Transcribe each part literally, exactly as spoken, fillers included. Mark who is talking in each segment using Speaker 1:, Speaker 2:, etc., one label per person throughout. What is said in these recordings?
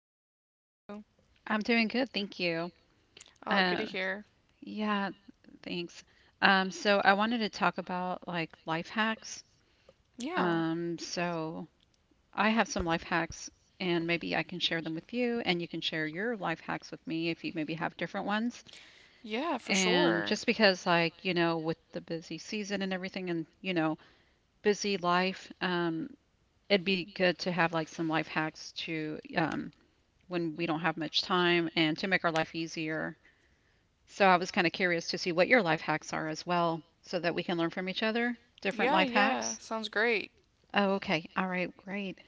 Speaker 1: good. How about you?
Speaker 2: I'm doing good, thank you.
Speaker 1: Oh, good
Speaker 2: Uh,
Speaker 1: to hear.
Speaker 2: yeah, thanks. Um, so I wanted to talk about like life hacks.
Speaker 1: Yeah,
Speaker 2: Um, so I have some life hacks, and maybe I can share them with you, and you can share your life hacks with me if you maybe have different ones.
Speaker 1: yeah, for
Speaker 2: And
Speaker 1: sure.
Speaker 2: just because, like, you know, with the busy season and everything, and you know, busy life, um, it'd be good to have like some life hacks to um, when we don't have much time and to make our life easier. So I was kind of curious to see what your life hacks are as well, so that we can learn from each other. Different
Speaker 1: Yeah,
Speaker 2: life
Speaker 1: yeah,
Speaker 2: hacks.
Speaker 1: sounds great.
Speaker 2: Oh, okay. All right, great.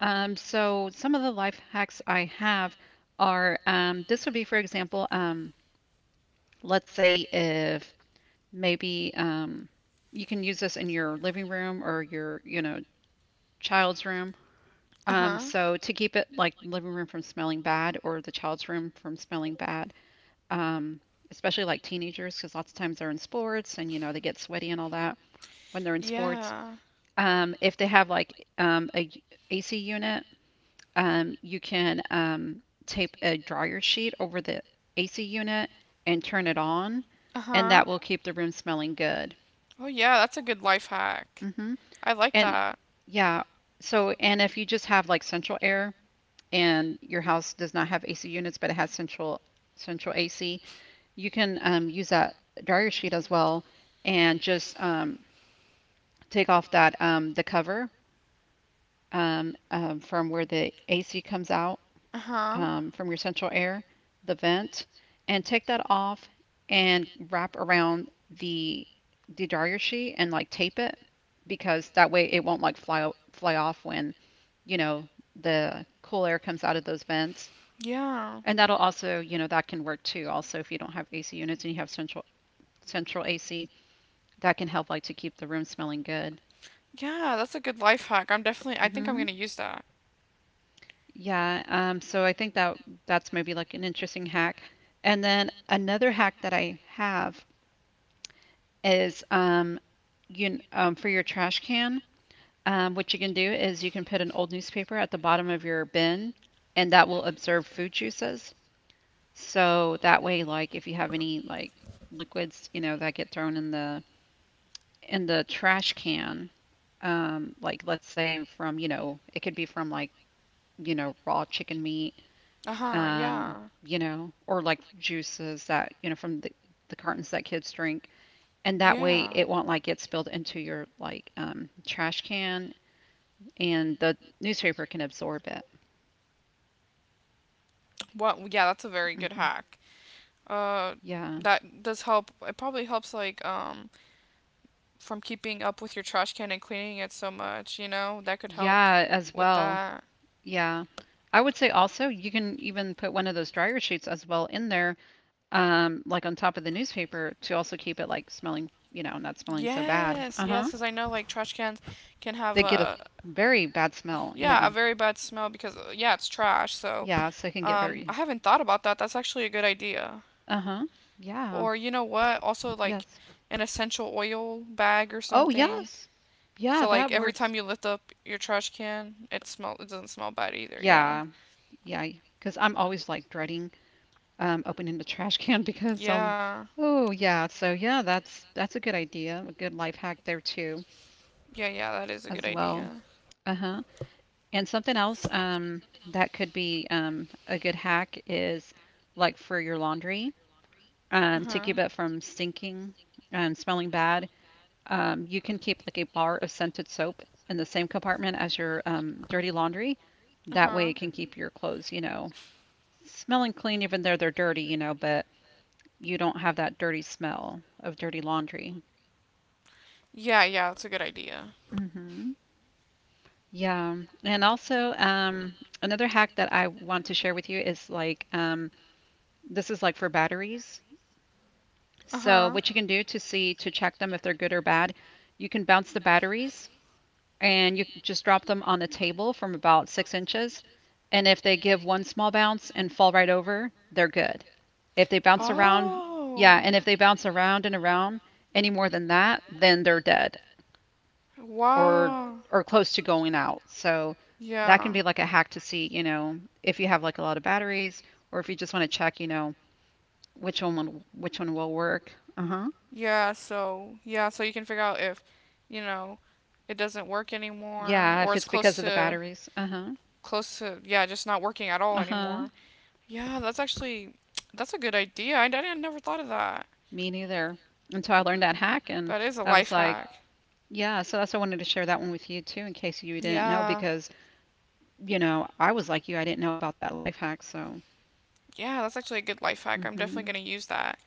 Speaker 2: Um, so some of the life hacks I have are um, this would be, for example, um, let's say if maybe um, you can use this in your living room or your, you know, child's room. Um,
Speaker 1: Uh-huh.
Speaker 2: so to keep it like living room from smelling bad or the child's room from smelling bad. um, Especially like teenagers, because lots of times they're in sports and you know they get sweaty and all that when they're in sports.
Speaker 1: Yeah.
Speaker 2: Um, if they have like um, a y- A C unit, um, you can um, tape a dryer sheet over the A C unit and turn it on, and
Speaker 1: Uh-huh.
Speaker 2: that will keep the room smelling good.
Speaker 1: Oh, yeah, that's a good life hack.
Speaker 2: Hmm.
Speaker 1: I like
Speaker 2: And
Speaker 1: that.
Speaker 2: yeah, so and if you just have like central air and your house does not have A C units, but it has central central A C, you can um, use that dryer sheet as well and just um, take off that um, the cover um, um, from where the A C comes out,
Speaker 1: Uh-huh.
Speaker 2: um, from your central air, the vent, and take that off and wrap around the the dryer sheet and like tape it, because that way it won't like fly fly off when, you know, the cool air comes out of those vents.
Speaker 1: Yeah.
Speaker 2: And that'll also, you know, that can work too. Also, if you don't have A C units and you have central central A C, that can help like to keep the room smelling good.
Speaker 1: Yeah, that's a good life hack. I'm definitely, I think I'm
Speaker 2: Hmm.
Speaker 1: gonna use that.
Speaker 2: Yeah. Um, so I think that that's maybe like an interesting hack. And then another hack that I have is um, you kn- um, for your trash can. Um, what you can do is you can put an old newspaper at the bottom of your bin, and that will absorb food juices. So that way, like if you have any like liquids, you know, that get thrown in the in the trash can, um, like let's say from, you know, it could be from like, you know, raw chicken meat,
Speaker 1: Uh-huh.
Speaker 2: um,
Speaker 1: Yeah.
Speaker 2: you know, or like juices that, you know, from the, the cartons that kids drink. And that way
Speaker 1: Yeah.
Speaker 2: it won't like get spilled into your like um, trash can, and the newspaper can absorb it.
Speaker 1: What? Yeah, that's a very
Speaker 2: Hmm.
Speaker 1: good hack. Uh,
Speaker 2: Yeah.
Speaker 1: that does help. It probably helps like um from keeping up with your trash can and cleaning it so much, you know? That could help
Speaker 2: Yeah, as
Speaker 1: with
Speaker 2: well.
Speaker 1: that.
Speaker 2: Yeah. I would say also you can even put one of those dryer sheets as well in there, um, like on top of the newspaper to also keep it like smelling, you know, not smelling so bad.
Speaker 1: Yes, yes,
Speaker 2: Uh-huh.
Speaker 1: because I know like trash cans can have
Speaker 2: They get a
Speaker 1: a
Speaker 2: very bad smell.
Speaker 1: yeah
Speaker 2: Yeah.
Speaker 1: a very bad smell because uh, yeah it's trash. So
Speaker 2: Yeah, so it can get
Speaker 1: um, I
Speaker 2: very.
Speaker 1: haven't thought about that. That's actually a good idea.
Speaker 2: Uh-huh. Yeah.
Speaker 1: Or you know what? Also like
Speaker 2: Yes.
Speaker 1: an essential oil bag or
Speaker 2: Oh,
Speaker 1: something.
Speaker 2: yes. Yeah,
Speaker 1: So
Speaker 2: that
Speaker 1: like every
Speaker 2: works.
Speaker 1: time you lift up your trash can, it smell it doesn't smell bad either. Yeah,
Speaker 2: Yeah. Yeah. Because I'm always like dreading um, opening the trash can because um.
Speaker 1: yeah,
Speaker 2: Oh, yeah. So yeah, that's that's a good idea. A good life hack there too,
Speaker 1: yeah, yeah. That is a good
Speaker 2: as well.
Speaker 1: idea.
Speaker 2: Uh-huh. And something else um that could be um a good hack is like for your laundry
Speaker 1: Uh
Speaker 2: um to
Speaker 1: huh.
Speaker 2: keep it from stinking and smelling bad. Um, you can keep like a bar of scented soap in the same compartment as your um, dirty laundry.
Speaker 1: Uh
Speaker 2: That
Speaker 1: huh.
Speaker 2: way, it can keep your clothes, you know,
Speaker 1: Closed.
Speaker 2: smelling clean, even though they're dirty, you know, but you don't have that dirty smell of dirty laundry.
Speaker 1: Yeah, yeah, that's a good idea.
Speaker 2: Hmm. Yeah. And also, um, another hack that I want to share with you is like, um, this is like for batteries.
Speaker 1: Uh
Speaker 2: So,
Speaker 1: huh.
Speaker 2: what you can do to see to check them if they're good or bad, you can bounce the batteries and you just drop them on the table from about six inches. And if they give one small bounce and fall right over, they're good. If they
Speaker 1: If.
Speaker 2: bounce around, yeah,
Speaker 1: Oh.
Speaker 2: and if they bounce around and around any more than that, then they're dead,
Speaker 1: Around,
Speaker 2: or
Speaker 1: wow.
Speaker 2: or close to going out. So that can
Speaker 1: Yeah.
Speaker 2: be like a hack to see, you know, if you have like a lot of batteries or if you just want to check, you know, which one will- which one will work. Uh-huh.
Speaker 1: Yeah, so yeah, so you can figure out if, you know, it doesn't work anymore. Yeah,
Speaker 2: Yeah,
Speaker 1: or
Speaker 2: if
Speaker 1: it's
Speaker 2: it's because
Speaker 1: close
Speaker 2: of the
Speaker 1: battery, low to battery.
Speaker 2: batteries. Uh-huh.
Speaker 1: Close to yeah, just not working at all
Speaker 2: Uh-huh.
Speaker 1: anymore. Yeah, that's actually that's a good idea. I, I never thought of that.
Speaker 2: Me neither. Until I learned that hack and
Speaker 1: That is a
Speaker 2: I was
Speaker 1: life
Speaker 2: like,
Speaker 1: hack.
Speaker 2: yeah, so that's why I wanted to share that one with you too, in case you didn't know,
Speaker 1: Yeah.
Speaker 2: because, you know, I was like you, I didn't know about that life hack. So,
Speaker 1: Yeah, that's actually a good life hack. I'm
Speaker 2: hmm,
Speaker 1: definitely going to use that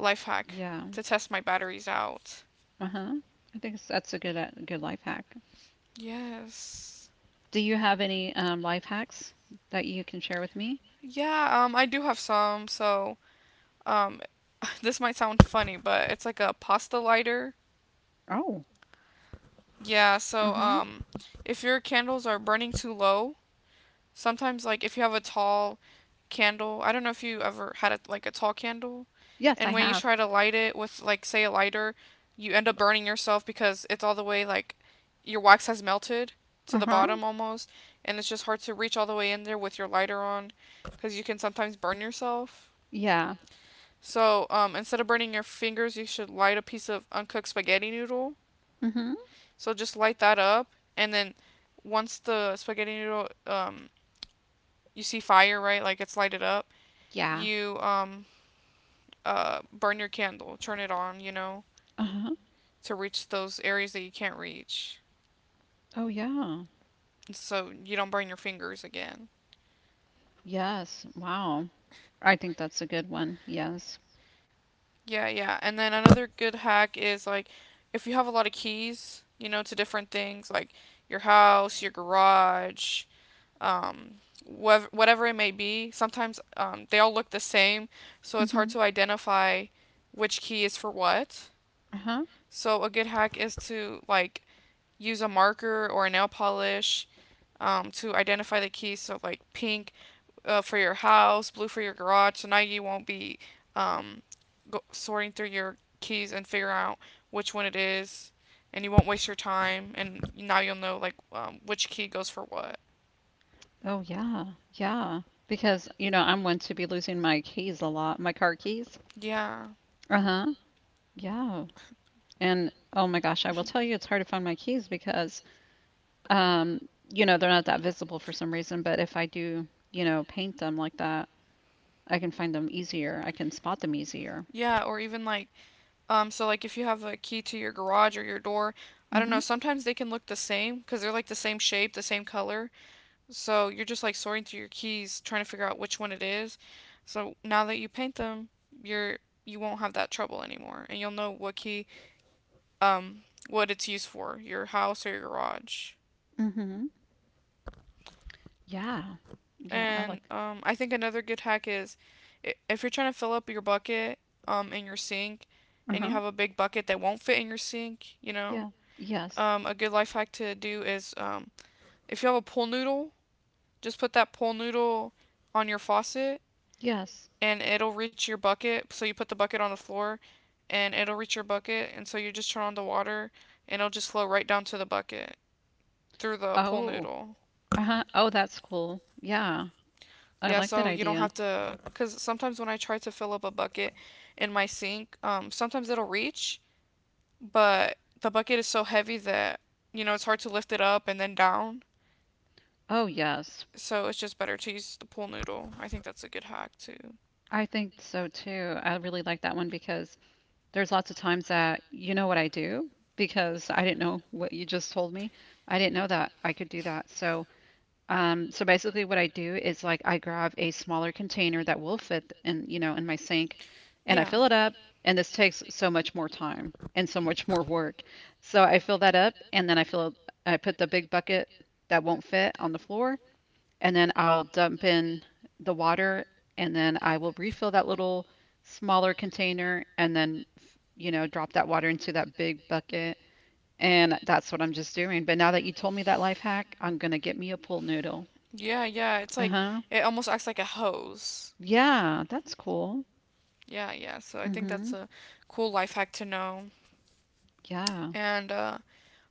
Speaker 1: life hack
Speaker 2: yeah,
Speaker 1: to test my batteries out.
Speaker 2: uh-huh. I think it's- that's a good a good life hack.
Speaker 1: Yes.
Speaker 2: Do you have any um, life hacks that you can share with me?
Speaker 1: Yeah, um I do have some, so um this might sound funny, but it's like a pasta lighter.
Speaker 2: Oh,
Speaker 1: Yeah, so
Speaker 2: uh-huh.
Speaker 1: um if your candles are burning too low, sometimes like if you have a tall candle. I don't know if you ever had a, like a tall candle,
Speaker 2: Yes, I
Speaker 1: and when you
Speaker 2: have.
Speaker 1: try to light it with like say a lighter, you end up burning yourself because it's all the way like your wax has melted to the
Speaker 2: Uh-huh.
Speaker 1: bottom almost, and it's just hard to reach all the way in there with your lighter on because you can sometimes burn yourself.
Speaker 2: Yeah.
Speaker 1: So, um, instead of burning your fingers, you should light a piece of uncooked spaghetti noodle.
Speaker 2: Mm-hmm.
Speaker 1: So just light that up, and then once the spaghetti noodle, um, you see fire, right? Like it's lighted up.
Speaker 2: Yeah.
Speaker 1: You um, uh, burn your candle, turn it on, you know,
Speaker 2: Uh-huh.
Speaker 1: to reach those areas that you can't reach.
Speaker 2: Oh, yeah.
Speaker 1: So you don't burn your fingers again.
Speaker 2: Yes. Wow. I think that's a good one. Yes.
Speaker 1: Yeah, yeah. And then another good hack is like if you have a lot of keys, you know, to different things like your house, your garage, um, whatever, whatever it may be, sometimes um, they all look the same, so it's hard
Speaker 2: Mm-hmm.
Speaker 1: to identify which key is for what.
Speaker 2: Uh-huh.
Speaker 1: So a good hack is to like use a marker or a nail polish um, to identify the keys. So like pink uh, for your house, blue for your garage. So now you won't be um, go- sorting through your keys and figuring out which one it is, and you won't waste your time. And now you'll know like um, which key goes for what.
Speaker 2: Oh yeah, yeah. Because, you know, I'm one to be losing my keys a lot, my car keys.
Speaker 1: Yeah,
Speaker 2: Uh-huh. Yeah. And oh my gosh, I will tell you it's hard to find my keys because um, you know, they're not that visible for some reason, but if I do, you know, paint them like that, I can find them easier. I can spot them easier.
Speaker 1: yeah. Or even like um, so like if you have a key to your garage or your door. I don't
Speaker 2: Mm-hmm.
Speaker 1: know. Sometimes they can look the same because they're like the same shape, the same color. So you're just like sorting through your keys, trying to figure out which one it is. So now that you paint them, you're you won't have that trouble anymore, and you'll know what key, um, what it's used for, your house or your garage.
Speaker 2: Mm-hmm. Yeah. Yeah, I
Speaker 1: And
Speaker 2: like.
Speaker 1: um, I think another good hack is, i- if you're trying to fill up your bucket, um, in your sink, and you
Speaker 2: Uh-huh.
Speaker 1: have a big bucket that won't fit in your sink, you know,
Speaker 2: Yeah. Yes.
Speaker 1: um, a good life hack to do is, um, if you have a pool noodle, just put that pool noodle on your faucet
Speaker 2: Yes.
Speaker 1: and it'll reach your bucket. So you put the bucket on the floor and it'll reach your bucket. And so you just turn on the water and it'll just flow right down to the bucket through the pool
Speaker 2: Oh.
Speaker 1: noodle.
Speaker 2: Uh-huh. Oh, that's cool. Yeah. I
Speaker 1: Yeah,
Speaker 2: like that
Speaker 1: so you don't
Speaker 2: idea.
Speaker 1: have to. Because sometimes when I try to fill up a bucket in my sink, um, sometimes it'll reach, but the bucket is so heavy that, you know, it's hard to lift it up and then down.
Speaker 2: Oh, yes.
Speaker 1: So it's just better to use the pool noodle. I think that's a good hack too.
Speaker 2: I think so too. I really like that one because there's lots of times that you know what I do because I didn't know what you just told me. I didn't know that I could do that. So, um, so basically what I do is like I grab a smaller container that will fit in, you know, in my sink, and I
Speaker 1: Yeah.
Speaker 2: fill it up, and this takes so much more time and so much more work. So I fill that up and then I fill I put the big bucket that won't fit on the floor, and then I'll dump in the water, and then I will refill that little smaller container and then, you know, drop that water into that big bucket, and that's what I'm just doing. But now that you told me that life hack, I'm gonna get me a pool noodle.
Speaker 1: Yeah, yeah. It's like
Speaker 2: Uh-huh.
Speaker 1: it almost acts like a hose.
Speaker 2: Yeah, that's cool.
Speaker 1: Yeah, yeah. So I think that's
Speaker 2: Mm-hmm.
Speaker 1: a cool life hack to know.
Speaker 2: Yeah.
Speaker 1: And uh,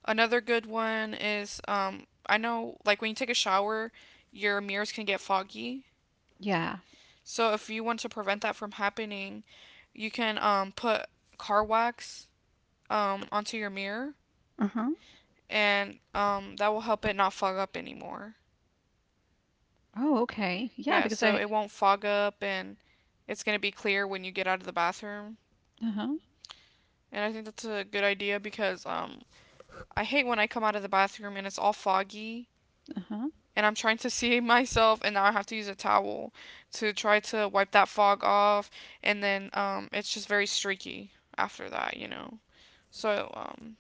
Speaker 1: another good one is um, I know like when you take a shower, your mirrors can get foggy.
Speaker 2: Yeah.
Speaker 1: So if you want to prevent that from happening, you can um, put car wax um, onto your mirror,
Speaker 2: Uh-huh.
Speaker 1: and um, that will help it not fog up anymore.
Speaker 2: Oh, okay. Yeah,
Speaker 1: Yeah,
Speaker 2: because
Speaker 1: so
Speaker 2: I
Speaker 1: it won't fog up and it's gonna be clear when you get out of the bathroom.
Speaker 2: uh-huh.
Speaker 1: And I think that's a good idea because um, I hate when I come out of the bathroom and it's all foggy
Speaker 2: Uh-huh.
Speaker 1: and I'm trying to see myself and now I have to use a towel to try to wipe that fog off and then um, it's just very streaky after that, you know. So um,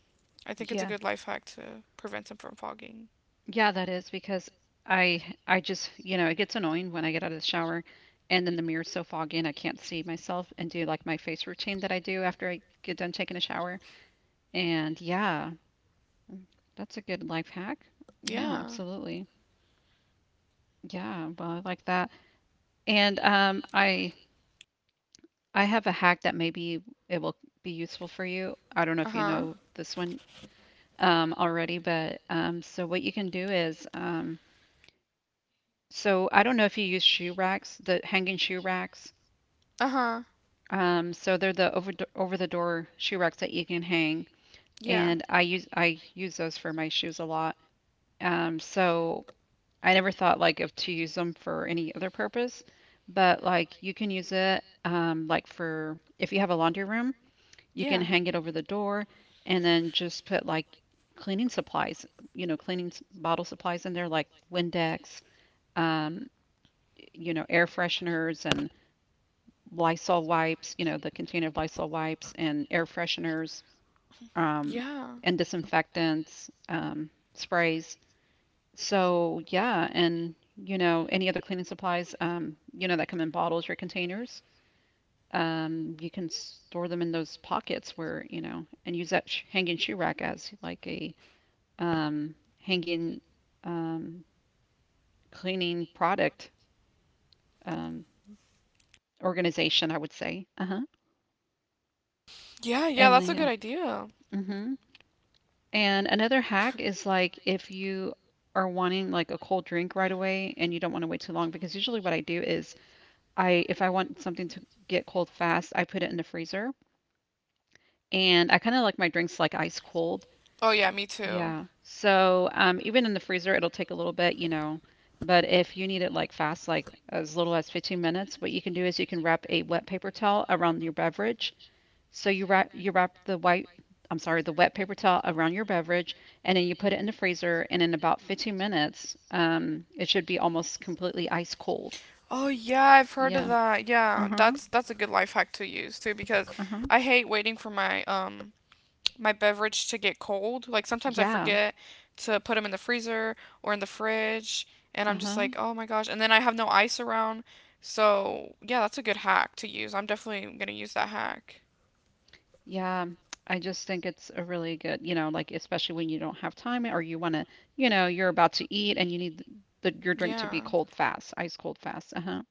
Speaker 1: I think it's a
Speaker 2: Yeah.
Speaker 1: good life hack to prevent them from fogging.
Speaker 2: Yeah, that is because I I just, you know, it gets annoying when I get out of the shower and then the mirror's so foggy and I can't see myself and do like my face routine that I do after I get done taking a shower. And yeah, mm, that's a good life hack. Yeah,
Speaker 1: Yeah.
Speaker 2: absolutely. Yeah, well, I like that. And um I I have a hack that maybe it will be useful for you. I don't know
Speaker 1: Uh
Speaker 2: if you
Speaker 1: huh.
Speaker 2: know this one um already, but um so what you can do is um so I don't know if you use shoe racks, the hanging shoe racks.
Speaker 1: Uh huh.
Speaker 2: Um, so they're the over over the door shoe racks that you can hang,
Speaker 1: Yeah.
Speaker 2: and I use I use those for my shoes a lot. Um, so I never thought like of to use them for any other purpose, but like you can use it, um, like for if you have a laundry room, you can
Speaker 1: Yeah.
Speaker 2: hang it over the door and then just put like cleaning supplies, you know, cleaning s- bottle supplies in there like Windex, um, you know, air fresheners and Lysol wipes, you know, the container of Lysol wipes and air fresheners, um,
Speaker 1: Yeah.
Speaker 2: and disinfectants, um, sprays. So, yeah, and, you know, any other cleaning supplies, um, you know, that come in bottles or containers. Um, you can store them in those pockets where, you know, and use that sh- hanging shoe rack as like a um, hanging, um, cleaning product, um, organization, I would say. Uh huh.
Speaker 1: Yeah, yeah,
Speaker 2: And
Speaker 1: that's a
Speaker 2: yeah.
Speaker 1: good idea.
Speaker 2: Mm-hmm. And another hack is like if you are wanting like a cold drink right away and you don't want to wait too long, because usually what I do is I if I want something to get cold fast, I put it in the freezer, and I kind of like my drinks like ice cold.
Speaker 1: Oh yeah, me too.
Speaker 2: Yeah. So um even in the freezer it'll take a little bit, you know. But if you need it like fast, like as little as fifteen minutes, what you can do is you can wrap a wet paper towel around your beverage so you wrap you wrap the white, I'm sorry, the wet paper towel around your beverage, and then you put it in the freezer. And in about fifteen minutes, um, it should be almost completely ice cold.
Speaker 1: Oh yeah, I've heard of
Speaker 2: Yeah.
Speaker 1: that.
Speaker 2: Uh
Speaker 1: Yeah,
Speaker 2: huh.
Speaker 1: that's that's a good life hack to use too because
Speaker 2: Uh huh.
Speaker 1: I hate waiting for my um my beverage to get cold. Like sometimes I
Speaker 2: Yeah.
Speaker 1: forget to put them in the freezer or in the fridge and
Speaker 2: Uh
Speaker 1: I'm just
Speaker 2: huh.
Speaker 1: like, "Oh my gosh." And then I have no ice around. So, yeah, that's a good hack to use. I'm definitely going to use that hack.
Speaker 2: Yeah. I just think it's a really good, you know, like especially when you don't have time or you want to, you know, you're about to eat and you need the, your drink to be
Speaker 1: Yeah.
Speaker 2: cold fast, ice cold fast. Uh huh.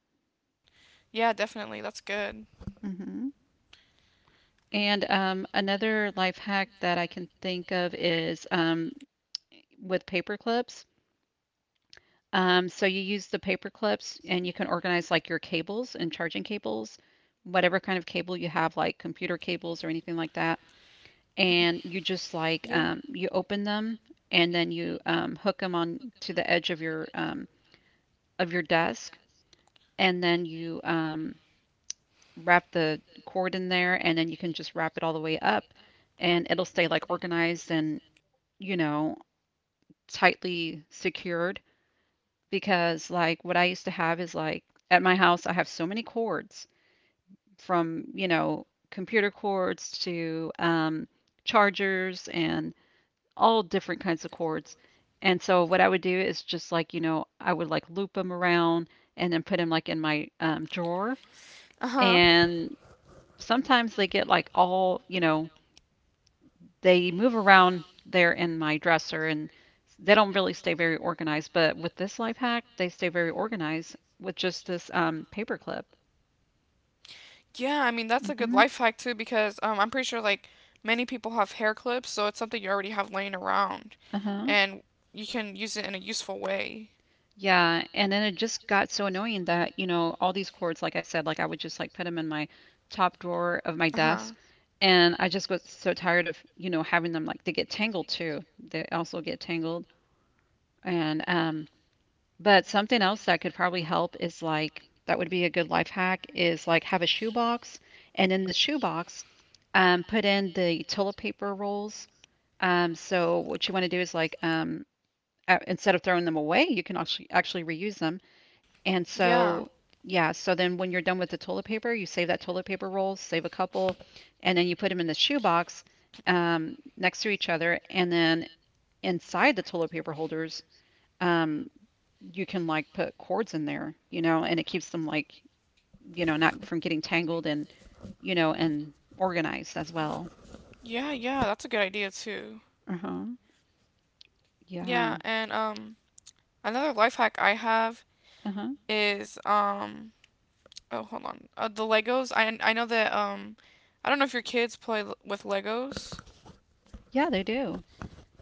Speaker 1: Yeah, definitely. That's good.
Speaker 2: Hmm. And um, another life hack that I can think of is um, with paper clips. Um, so you use the paper clips and you can organize like your cables and charging cables, whatever kind of cable you have, like computer cables or anything like that. And you just like
Speaker 1: Yeah.
Speaker 2: um, you open them, and then you um, hook them on to the edge of your um, of your desk, and then you um, wrap the cord in there, and then you can just wrap it all the way up, and it'll stay like organized and, you know, tightly secured. Because like what I used to have is like at my house I have so many cords, from, you know, computer cords to um, chargers and all different kinds of cords. And so what I would do is just like, you know, I would like loop them around and then put them like in my um, drawer.
Speaker 1: Uh-huh.
Speaker 2: And sometimes they get like all, you know, they move around there in my dresser and they don't really stay very organized. But with this life hack, they stay very organized with just this um, paper clip.
Speaker 1: Yeah, I mean that's a good
Speaker 2: Mm-hmm.
Speaker 1: life hack too because um, I'm pretty sure like many people have hair clips, so it's something you already have laying around,
Speaker 2: Uh-huh.
Speaker 1: and you can use it in a useful way.
Speaker 2: Yeah, and then it just got so annoying that, you know, all these cords, like I said, like I would just like put them in my top drawer of my
Speaker 1: Uh
Speaker 2: desk,
Speaker 1: huh.
Speaker 2: and I just got so tired of, you know, having them like they get tangled too. They also get tangled, and um, but something else that could probably help is like that would be a good life hack is like have a shoebox, and in the shoebox, um, put in the toilet paper rolls. Um, so what you want to do is like um, uh, instead of throwing them away, you can actually actually reuse them. And
Speaker 1: Yeah.
Speaker 2: so yeah, so then when you're done with the toilet paper, you save that toilet paper roll, save a couple, and then you put them in the shoebox um, next to each other, and then inside the toilet paper holders, um, you can like put cords in there, you know, and it keeps them like, you know, not from getting tangled and, you know, and organized as well.
Speaker 1: Yeah, yeah, that's a good idea too.
Speaker 2: Uh-huh. Yeah.
Speaker 1: Yeah, and um another life hack I have
Speaker 2: Uh-huh.
Speaker 1: is um oh hold on. Uh, the Legos. I I know that um I don't know if your kids play l- with Legos.
Speaker 2: Yeah, they do.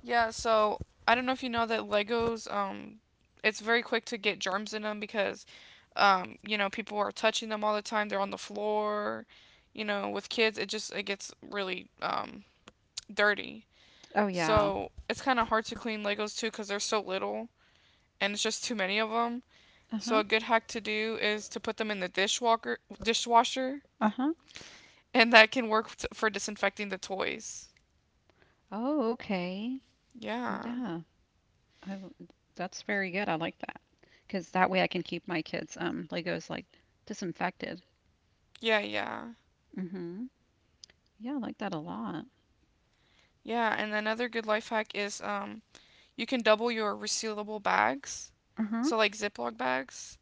Speaker 1: Yeah, so I don't know if you know that Legos, um, it's very quick to get germs in them because, um, you know, people are touching them all the time. They're on the floor. You know, with kids, it just it gets really um, dirty.
Speaker 2: Oh yeah.
Speaker 1: So it's kind of hard to clean Legos too because they're so little and it's just too many of them. So
Speaker 2: Uh-huh.
Speaker 1: a good hack to do is to put them in the dishwalker dishwasher,
Speaker 2: Uh-huh.
Speaker 1: and that can work t- for disinfecting the toys.
Speaker 2: Oh, okay.
Speaker 1: Yeah,
Speaker 2: Yeah. I w- that's very good. I like that. 'Cause that way I can keep my kids um Legos like disinfected.
Speaker 1: yeah, yeah,
Speaker 2: Mm-hmm. Yeah, I like that a lot.
Speaker 1: yeah. And another good life hack is um you can double your resealable bags,
Speaker 2: Uh-huh.
Speaker 1: so like Ziploc bags,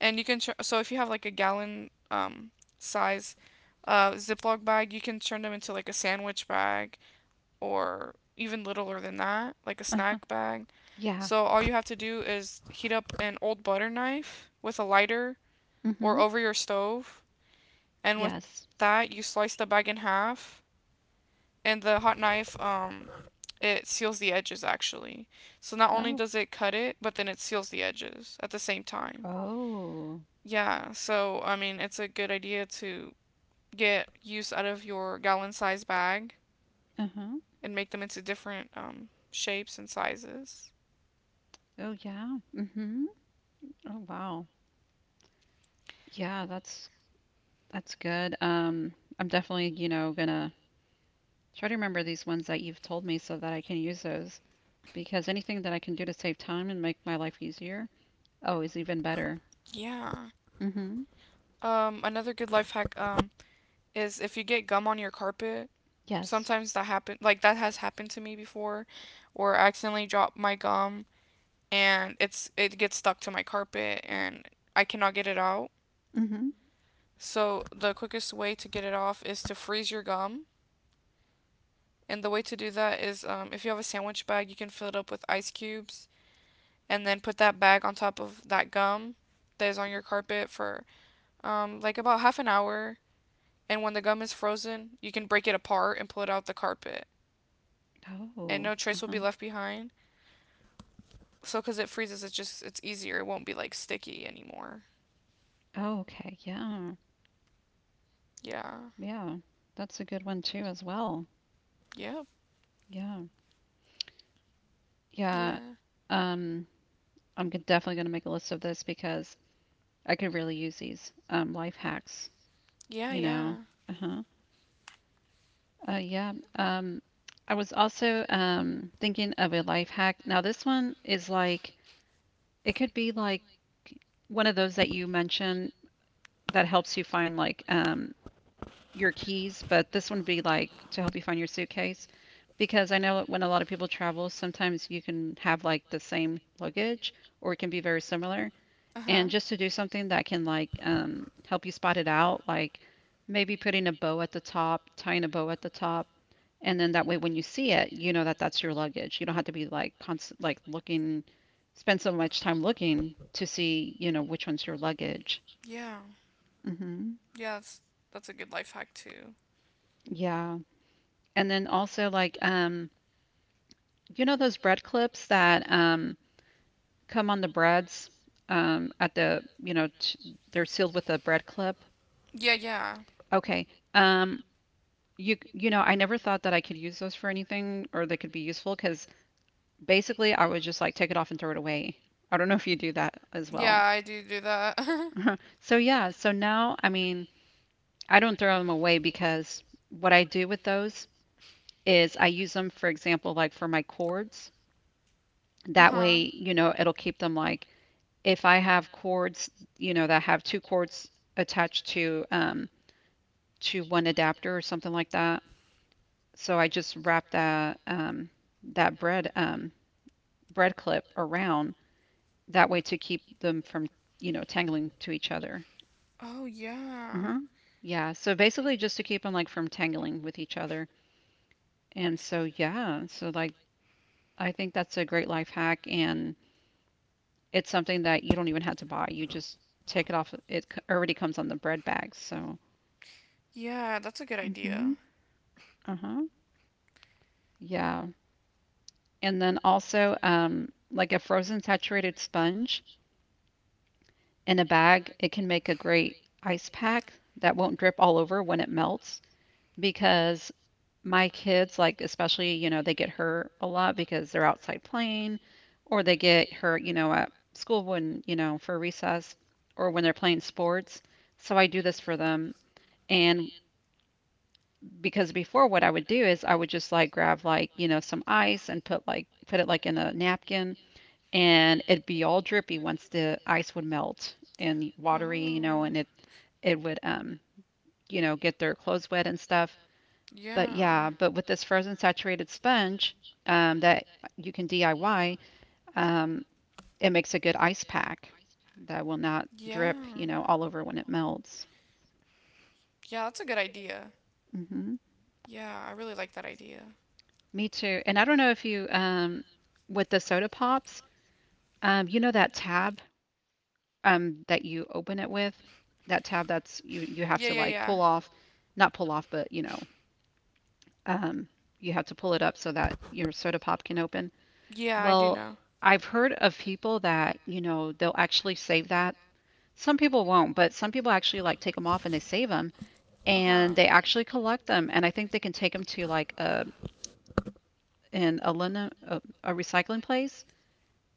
Speaker 1: and you can tr- so if you have like a gallon um size uh Ziploc bag, you can turn them into like a sandwich bag or even littler than that, like a
Speaker 2: Uh-huh.
Speaker 1: snack bag.
Speaker 2: Yeah.
Speaker 1: So all you have to do is heat up an old butter knife with a lighter
Speaker 2: Mm-hmm.
Speaker 1: or over your stove, and with
Speaker 2: Yes.
Speaker 1: that you slice the bag in half, and the hot knife um it seals the edges actually. So not only
Speaker 2: Oh.
Speaker 1: does it cut it, but then it seals the edges at the same time.
Speaker 2: Oh.
Speaker 1: Yeah, so I mean, it's a good idea to get use out of your gallon size bag
Speaker 2: Uh-huh.
Speaker 1: and make them into different um, shapes and sizes.
Speaker 2: Oh yeah. Mhm. Oh wow. Yeah, that's that's good. Um, I'm definitely, you know, gonna try to remember these ones that you've told me so that I can use those, because anything that I can do to save time and make my life easier, oh, is even better.
Speaker 1: Yeah.
Speaker 2: Mhm.
Speaker 1: Um, another good life hack um, is if you get gum on your carpet,
Speaker 2: Yes.
Speaker 1: sometimes that happen like that has happened to me before or I accidentally drop my gum and it's it gets stuck to my carpet and I cannot get it out.
Speaker 2: Mhm.
Speaker 1: So the quickest way to get it off is to freeze your gum. And the way to do that is um, if you have a sandwich bag, you can fill it up with ice cubes and then put that bag on top of that gum that is on your carpet for um, like about half an hour. And when the gum is frozen, you can break it apart and pull it out the carpet. And
Speaker 2: Oh.
Speaker 1: no trace will be
Speaker 2: Uh-huh.
Speaker 1: left behind. So because it freezes, it's just, it's easier. It won't be like sticky anymore.
Speaker 2: Oh, okay. Yeah.
Speaker 1: Yeah.
Speaker 2: Yeah. That's a good one too as well.
Speaker 1: Yep.
Speaker 2: Yeah. Yeah.
Speaker 1: Yeah.
Speaker 2: Um, I'm g- definitely gonna make a list of this because I could really use these um life hacks,
Speaker 1: Yeah,
Speaker 2: you
Speaker 1: yeah.
Speaker 2: know. Uh-huh. Uh yeah. Um I was also um thinking of a life hack. Now this one is like it could be like one of those that you mentioned that helps you find like um your keys, but this one would be like to help you find your suitcase, because I know when a lot of people travel, sometimes you can have like the same luggage or it can be very similar.
Speaker 1: Uh huh.
Speaker 2: And just to do something that can like um, help you spot it out, like maybe putting a bow at the top, tying a bow at the top, and then that way when you see it, you know that that's your luggage. You don't have to be like constant like looking, spend so much time looking to see, you know, which one's your luggage.
Speaker 1: Yeah.
Speaker 2: Hmm.
Speaker 1: Yeah, that's that's a good life hack too.
Speaker 2: Yeah. And then also like um, you know those bread clips that um come on the breads um at the, you know, t- they're sealed with a bread clip.
Speaker 1: Yeah, yeah.
Speaker 2: Okay. Um, you you know, I never thought that I could use those for anything or they could be useful, because basically I would just like take it off and throw it away. I don't know if you do that as
Speaker 1: Yeah,
Speaker 2: well.
Speaker 1: I do do that.
Speaker 2: So yeah, so now I mean, I don't throw them away because what I do with those is I use them for example like for my cords. That
Speaker 1: Uh-huh.
Speaker 2: way, you know, it'll keep them like, if I have cords, you know, that have two cords attached to um to one adapter or something like that. So I just wrap that um that bread um bread clip around that way to keep them from, you know, tangling to each other.
Speaker 1: Oh, yeah.
Speaker 2: Uh-huh. Yeah. So basically just to keep them like from tangling with each other. And so yeah, so like I think that's a great life hack, and it's something that you don't even have to buy. You just take it off. It c- already comes on the bread bags. So,
Speaker 1: Yeah, that's a good
Speaker 2: hmm,
Speaker 1: idea.
Speaker 2: uh-huh. Yeah. And then also um like a frozen saturated sponge in a bag, it can make a great ice pack that won't drip all over when it melts. Because my kids, like, especially, you know, they get hurt a lot because they're outside playing, or they get hurt, you know, at school when, you know, for recess or when they're playing sports. So I do this for them. And because before what I would do is I would just like grab like, you know, some ice and put like put it like in a napkin, and it'd be all drippy once the ice would melt and watery, you know,
Speaker 1: Oh.
Speaker 2: and it it would um, you know, get their clothes wet and stuff.
Speaker 1: Yeah.
Speaker 2: But
Speaker 1: Yeah.
Speaker 2: yeah, but with this frozen saturated sponge um, that you can D I Y, um, it makes a good ice pack that will not drip,
Speaker 1: Yeah.
Speaker 2: you know, all over when it melts.
Speaker 1: Yeah, that's a good idea.
Speaker 2: Hmm.
Speaker 1: Yeah, I really like that idea.
Speaker 2: Me too. And I don't know if you, um, with the soda pops, um, you know that tab um, that you open it with, that tab that's you you have
Speaker 1: Yeah,
Speaker 2: to
Speaker 1: yeah,
Speaker 2: like
Speaker 1: yeah.
Speaker 2: pull off, not pull off, but you know, um, you have to pull it up so that your soda pop can open.
Speaker 1: Yeah, I do
Speaker 2: Well,
Speaker 1: know.
Speaker 2: I've heard of people that, you know, they'll actually save that. Some people won't, but some people actually like take them off and they save them,
Speaker 1: Uh-huh.
Speaker 2: and they actually collect them. And I think they can take them to like a
Speaker 1: A,
Speaker 2: an aluminum a, a recycling place,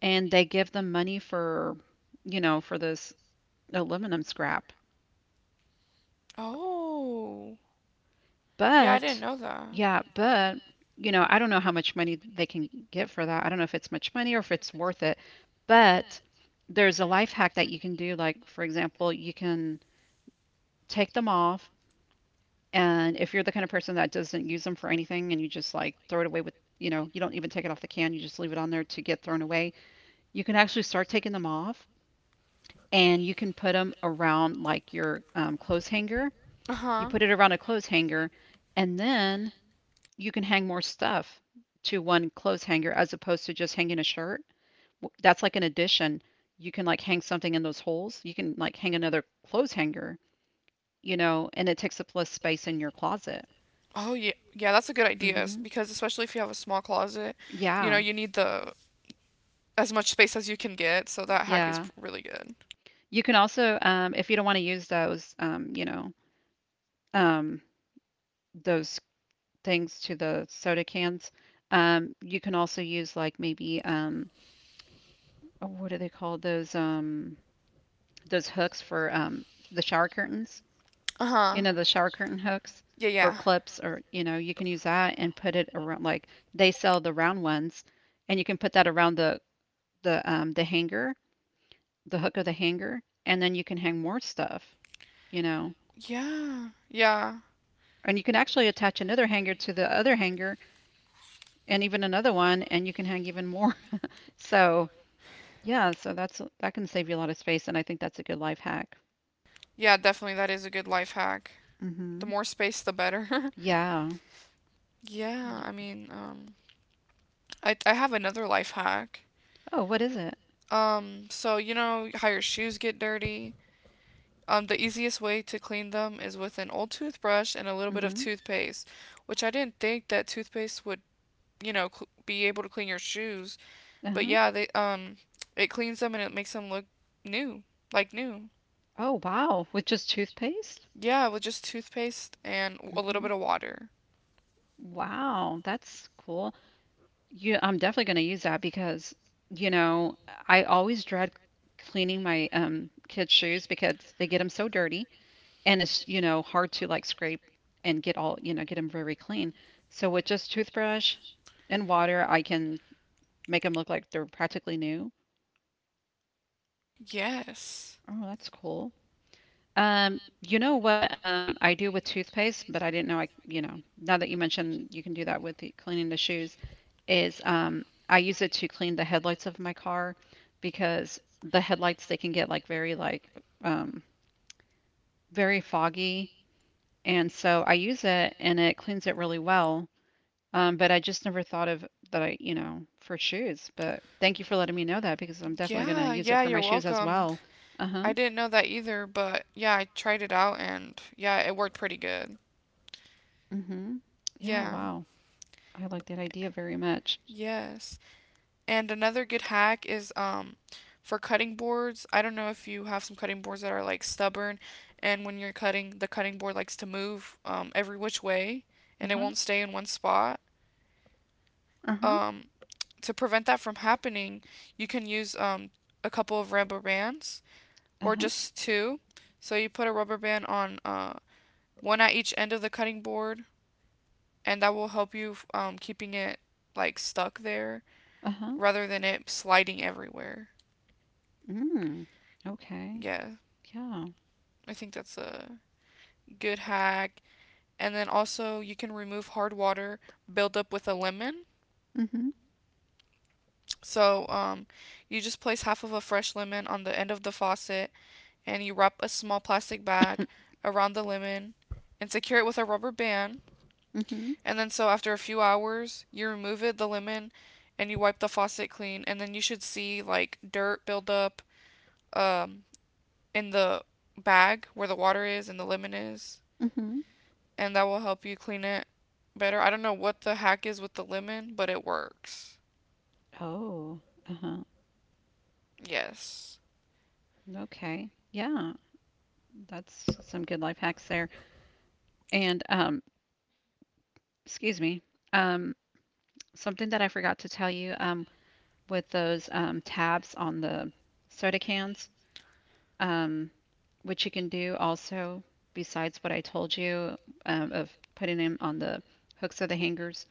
Speaker 2: and they give them money for, you know, for this aluminum scrap.
Speaker 1: oh. Yeah, I didn't
Speaker 2: But
Speaker 1: know that.
Speaker 2: yeah, but you know, I don't know how much money they can get for that. I don't know if it's much money or if it's worth it. But there's a life hack that you can do. Like, for example, you can take them off. And if you're the kind of person that doesn't use them for anything and you just like throw it away with, you know, you don't even take it off the can, you just leave it on there to get thrown away, you can actually start taking them off, and you can put them around like your um, clothes hanger.
Speaker 1: Uh
Speaker 2: You
Speaker 1: huh.
Speaker 2: put it around a clothes hanger, and then you can hang more stuff to one clothes hanger as opposed to just hanging a shirt. That's like an addition. You can like hang something in those holes. You can like hang another clothes hanger, you know, and it takes up less space in your closet.
Speaker 1: Oh yeah, yeah. That's a good idea s-
Speaker 2: Hmm.
Speaker 1: because especially if you have a small closet, you know
Speaker 2: Yeah.
Speaker 1: you need the as much space as you can get. So that hack is
Speaker 2: Yeah.
Speaker 1: p- really good.
Speaker 2: You can also, um, if you don't want to use those, um, you know, um, those things to the soda cans, um, you can also use like maybe, um, oh, what do they call those, um, those hooks for um, the shower curtains?
Speaker 1: Uh
Speaker 2: You
Speaker 1: huh.
Speaker 2: know, the shower curtain hooks
Speaker 1: Yeah,
Speaker 2: or
Speaker 1: yeah,
Speaker 2: clips, or, you know, you can use that and put it around, like they sell the round ones, and you can put that around the, the, um, the hanger, the hook of the hanger, and then you can hang more stuff, you know.
Speaker 1: yeah, yeah,
Speaker 2: And you can actually attach another hanger to the other hanger and even another one, and you can hang even more. So, yeah, so that's that can save you a lot of space, and I think that's a good life hack.
Speaker 1: yeah. Definitely, that is a good life hack. The
Speaker 2: Mhm.
Speaker 1: more space, the better.
Speaker 2: Yeah.
Speaker 1: Yeah. I
Speaker 2: Y-
Speaker 1: mean, um, I I have another life hack.
Speaker 2: Oh, what is it?
Speaker 1: Um, so you know how your shoes get dirty. Um, the easiest way to clean them is with an old toothbrush and a little bit of
Speaker 2: Mhm.
Speaker 1: toothpaste, which I didn't think that toothpaste would you know, cl- be able to clean your shoes. But
Speaker 2: Uh-huh.
Speaker 1: yeah, they um it cleans them and it makes them look new, like new.
Speaker 2: Oh, wow. With just toothpaste?
Speaker 1: Yeah, with just toothpaste and a little
Speaker 2: Mhm.
Speaker 1: bit of water.
Speaker 2: Wow, that's cool. You, I'm definitely going to use that because, you know, I always dread cleaning my um kids' shoes because they get them so dirty. And it's you know hard to like scrape and get all you know get them very clean, so with just toothbrush and water I can make them look like they're practically new.
Speaker 1: Yes.
Speaker 2: Oh, that's cool. Um you know what um I do with toothpaste, but I didn't know i you know now that you mentioned, you can do that with the, cleaning the shoes is um I use it to clean the headlights of my car, because the headlights, they can get like very like um very foggy, and so I use it and it cleans it really well. Um, but I just never thought of that I, you know, for shoes. But thank you for letting me know that, because I'm definitely going to
Speaker 1: Yeah,
Speaker 2: use it
Speaker 1: yeah,
Speaker 2: for
Speaker 1: you're
Speaker 2: my shoes as well.
Speaker 1: welcome.
Speaker 2: Uh-huh.
Speaker 1: I didn't know that either, but yeah, I tried it out and yeah, it worked pretty good.
Speaker 2: Mm-hmm. Yeah,
Speaker 1: Yeah.
Speaker 2: wow. I like that idea very much.
Speaker 1: Yes. And another good hack is um for cutting boards. I don't know if you have some cutting boards that are like stubborn, and when you're cutting, the cutting board likes to move um every which way and it
Speaker 2: Uh-huh.
Speaker 1: won't stay in one spot.
Speaker 2: Uh-huh.
Speaker 1: Um to prevent that from happening, you can use um a couple of rubber bands or
Speaker 2: Uh-huh.
Speaker 1: just two. So you put a rubber band on uh one at each end of the cutting board, and that will help you um keeping it like stuck there
Speaker 2: Uh-huh.
Speaker 1: rather than it sliding everywhere.
Speaker 2: Mm. Okay.
Speaker 1: Yeah.
Speaker 2: Yeah.
Speaker 1: I think that's a good hack. And then also, you can remove hard water buildup with a lemon.
Speaker 2: Mm-hmm.
Speaker 1: So, um, you just place half of a fresh lemon on the end of the faucet and you wrap a small plastic bag around the lemon and secure it with a rubber band.
Speaker 2: Mm-hmm.
Speaker 1: And then, so after a few hours, you remove it, the lemon, and you wipe the faucet clean. And then you should see like dirt buildup um, in the bag where the water is and the lemon is.
Speaker 2: Mm-hmm.
Speaker 1: And that will help you clean it better. I don't know what the hack is with the lemon, but it works.
Speaker 2: Oh. Uh-huh.
Speaker 1: Yes.
Speaker 2: Okay. Yeah. That's some good life hacks there. And um, excuse me. Um, something that I forgot to tell you. Um, with those um, tabs on the soda cans, um, which you can do also besides what I told you, um, of putting them on the hooks or the hangers.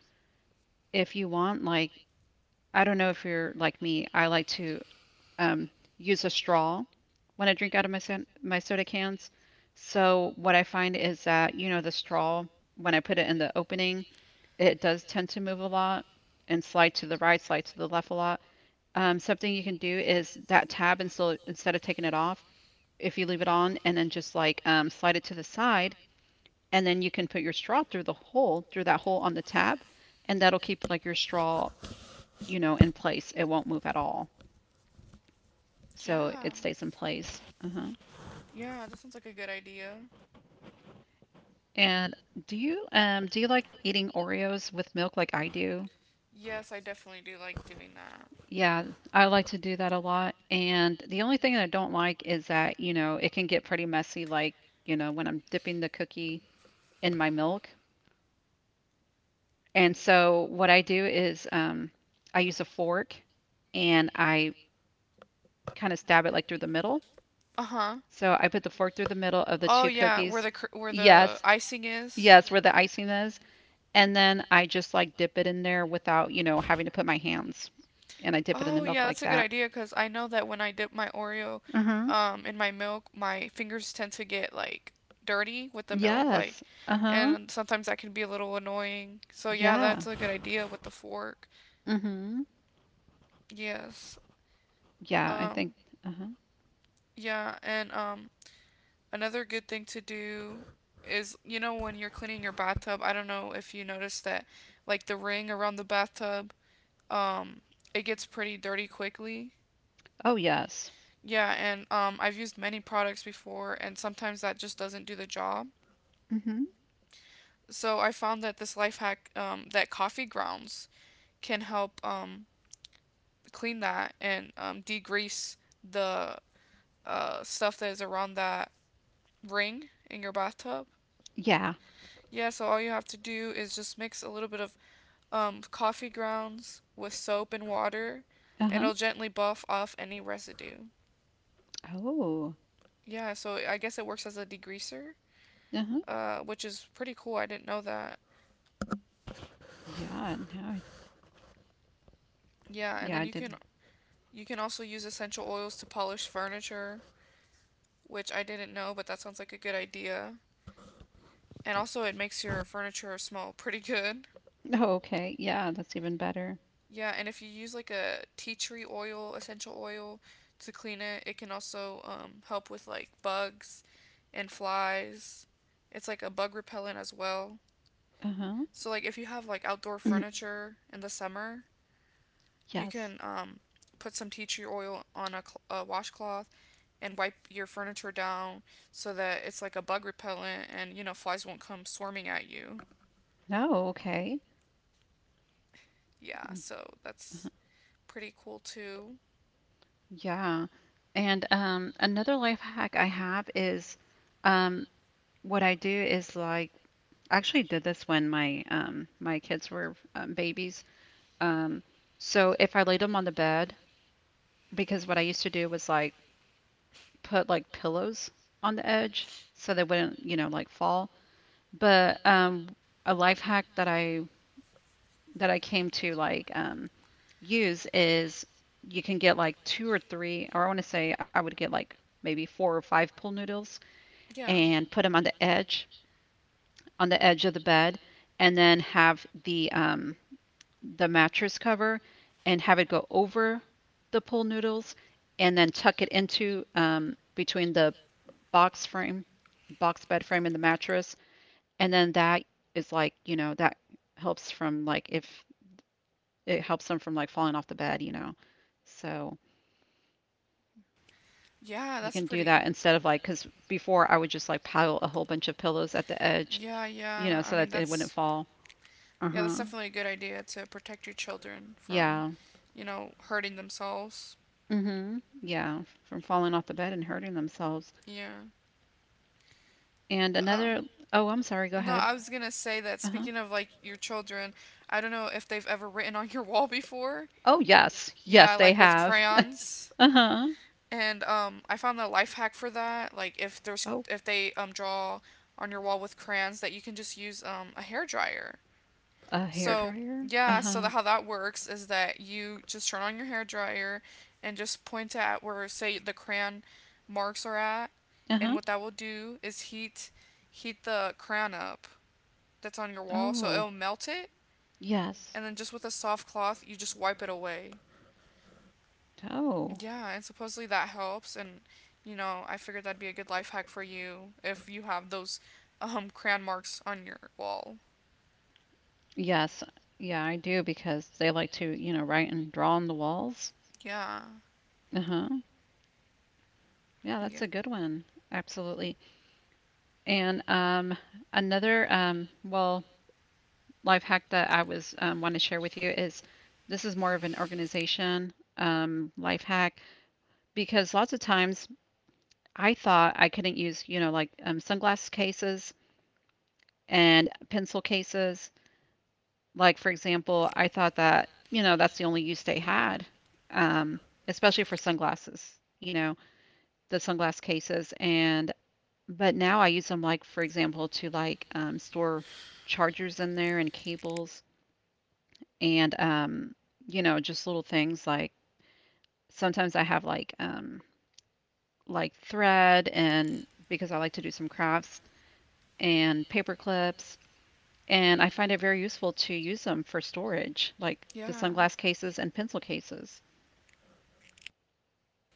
Speaker 2: If you want, like, I don't know if you're like me. I like to um, use a straw when I drink out of my, my soda cans. So what I find is that, you know, the straw, when I put it in the opening, it does tend to move a lot and slide to the right, slide to the left a lot. Um, something you can do is that tab instead instead of taking it off, if you leave it on and then just like um, slide it to the side, and then you can put your straw through the hole through that hole on the tab, and that'll keep like your straw, you know, in place. It won't move at all,
Speaker 1: Yeah.
Speaker 2: so it stays in place. Uh-huh.
Speaker 1: Yeah, that sounds like a good idea.
Speaker 2: And do you um do you like eating Oreos with milk like I do?
Speaker 1: Yes, I definitely do like doing that.
Speaker 2: Yeah, I like to do that a lot. And the only thing that I don't like is that, you know, it can get pretty messy, like, you know, when I'm dipping the cookie in my milk. And so what I do is um, I use a fork and I kind of stab it like through the middle.
Speaker 1: Uh huh.
Speaker 2: So I put the fork through the middle of the
Speaker 1: Oh
Speaker 2: two
Speaker 1: yeah, where
Speaker 2: cookies.
Speaker 1: the cr- where the
Speaker 2: Yes,
Speaker 1: icing is.
Speaker 2: yes, where the icing is. And then I just like dip it in there without, you know, having to put my hands. And I dip it in the
Speaker 1: Oh
Speaker 2: milk
Speaker 1: yeah,
Speaker 2: like
Speaker 1: that's a good
Speaker 2: that.
Speaker 1: idea because I know that when I dip my Oreo
Speaker 2: Mm-hmm.
Speaker 1: um, in my milk, my fingers tend to get like dirty with the milk, like,
Speaker 2: Yes. Uh-huh.
Speaker 1: and sometimes that can be a little annoying. So yeah, that's
Speaker 2: Yeah.
Speaker 1: a good idea with the fork.
Speaker 2: Mm-hmm.
Speaker 1: Yes.
Speaker 2: Yeah, I
Speaker 1: Um,
Speaker 2: think. Uh-huh.
Speaker 1: yeah, and um, another good thing to do is, you know, when you're cleaning your bathtub, I don't know if you noticed that, like the ring around the bathtub, um, it gets pretty dirty quickly.
Speaker 2: Oh, yes.
Speaker 1: Yeah, and um, I've used many products before, and sometimes that just doesn't do the job.
Speaker 2: Mm-hmm.
Speaker 1: So I found that this life hack um, that coffee grounds can help um, clean that and um, degrease the uh, stuff that is around that ring in your bathtub.
Speaker 2: Yeah.
Speaker 1: Yeah, so all you have to do is just mix a little bit of um, coffee grounds with soap and water, and
Speaker 2: Uh-huh.
Speaker 1: it'll gently buff off any residue.
Speaker 2: Oh.
Speaker 1: Yeah, so I guess it works as a degreaser,
Speaker 2: Uh-huh.
Speaker 1: uh, which is pretty cool. I didn't know that.
Speaker 2: Yeah. Now I,
Speaker 1: Yeah, and
Speaker 2: yeah,
Speaker 1: then
Speaker 2: I
Speaker 1: you can
Speaker 2: did.
Speaker 1: you can also use essential oils to polish furniture, which I didn't know, but that sounds like a good idea. And also it makes your furniture smell pretty good.
Speaker 2: Oh, okay. Yeah, that's even better.
Speaker 1: Yeah, and if you use like a tea tree oil, essential oil to clean it, it can also um, help with like bugs and flies. It's like a bug repellent as well.
Speaker 2: Uh-huh.
Speaker 1: So like if you have like outdoor furniture in the summer, you
Speaker 2: Yes.
Speaker 1: can um, put some tea tree oil on a, cl- a washcloth and wipe your furniture down so that it's like a bug repellent and you know flies won't come swarming at you.
Speaker 2: No, okay.
Speaker 1: Yeah,
Speaker 2: Mm,
Speaker 1: so
Speaker 2: uh-huh.
Speaker 1: that's pretty cool too.
Speaker 2: Yeah. And um another life hack I have is um what I do is like I actually did this when my um my kids were um, babies. Um, so if I laid them on the bed, because what I used to do was like put like pillows on the edge so they wouldn't, you know, like fall. But um a life hack that I that I came to like um use is you can get like two or three, or I want to say I would get like maybe four or five pool noodles
Speaker 1: Yeah.
Speaker 2: and put them on the edge, on the edge of the bed, and then have the um, the mattress cover and have it go over the pool noodles and then tuck it into um, between the box frame, box bed frame and the mattress. And then that is like, you know, that helps from like if it helps them from like falling off the bed, you know. So
Speaker 1: Yeah,
Speaker 2: you
Speaker 1: that's
Speaker 2: can do
Speaker 1: pretty
Speaker 2: that instead of like, because before I would just like pile a whole bunch of pillows at the edge,
Speaker 1: Yeah,
Speaker 2: you know,
Speaker 1: yeah. I
Speaker 2: so
Speaker 1: mean,
Speaker 2: that they wouldn't
Speaker 1: that's
Speaker 2: fall. Uh
Speaker 1: yeah, that's
Speaker 2: huh.
Speaker 1: definitely a good idea to protect your children from,
Speaker 2: Yeah.
Speaker 1: you know, hurting themselves.
Speaker 2: Mm hmm. Yeah. From falling off the bed and hurting themselves.
Speaker 1: Yeah.
Speaker 2: And
Speaker 1: Um
Speaker 2: another, oh, I'm sorry. Go
Speaker 1: no,
Speaker 2: ahead.
Speaker 1: I was going to say that
Speaker 2: Uh huh.
Speaker 1: speaking of like your children, I don't know if they've ever written on your wall before.
Speaker 2: Oh, yes.
Speaker 1: Yeah,
Speaker 2: Yes, they
Speaker 1: like with
Speaker 2: have.
Speaker 1: crayons.
Speaker 2: Uh huh.
Speaker 1: And um, I found a life hack for that. Like if there's
Speaker 2: Oh,
Speaker 1: if they um draw on your wall with crayons, that you can just use um a hair dryer.
Speaker 2: a hair
Speaker 1: So
Speaker 2: dryer. Uh
Speaker 1: yeah, so
Speaker 2: huh.
Speaker 1: the, how that works is that you just turn on your hair dryer, and just point at where say the crayon marks are at,
Speaker 2: Uh
Speaker 1: and
Speaker 2: huh.
Speaker 1: what that will do is heat heat the crayon up that's on your wall, so
Speaker 2: Oh,
Speaker 1: it'll melt it,
Speaker 2: yes.
Speaker 1: and then just with a soft cloth you just wipe it away.
Speaker 2: Oh,
Speaker 1: Yeah, and supposedly that helps. And, you know, I figured that'd be a good life hack for you if you have those um, crayon marks on your wall.
Speaker 2: yes. Yeah, I do because they like to, you know, write and draw on the walls.
Speaker 1: Yeah.
Speaker 2: Uh huh. Yeah, that's
Speaker 1: Yeah.
Speaker 2: a good one. Absolutely. And um, another, um, well, life hack that I was um, want to share with you is this is more of an organization um, life hack because lots of times I thought I couldn't use, you know, like um, sunglass cases and pencil cases. Like, for example, I thought that, you know, that's the only use they had, um, especially for sunglasses, you know, the sunglass cases. And but now I use them like, for example, to like um, store chargers in there and cables and um, you know, just little things like sometimes I have like um, like thread and because I like to do some crafts and paper clips, and I find it very useful to use them for storage, like the
Speaker 1: Yeah.
Speaker 2: sunglass cases and pencil cases.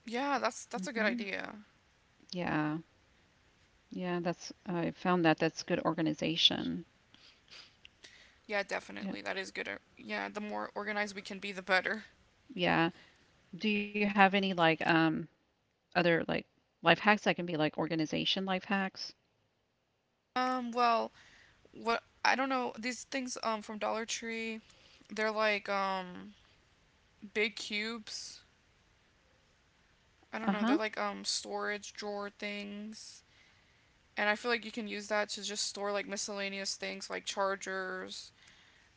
Speaker 1: Yeah, that's that's a good
Speaker 2: Hmm.
Speaker 1: idea.
Speaker 2: Yeah. Yeah, that's I found that that's good organization.
Speaker 1: Yeah, definitely.
Speaker 2: Yeah.
Speaker 1: That is good. or- Yeah, the more organized we can be, the better.
Speaker 2: Yeah. Do you have any like um other like life hacks that can be like organization life hacks?
Speaker 1: Um, well, what I don't know, these things um from Dollar Tree, they're like um big cubes. I don't know,
Speaker 2: Uh
Speaker 1: they're
Speaker 2: huh.
Speaker 1: like um storage drawer things. And I feel like you can use that to just store like miscellaneous things like chargers,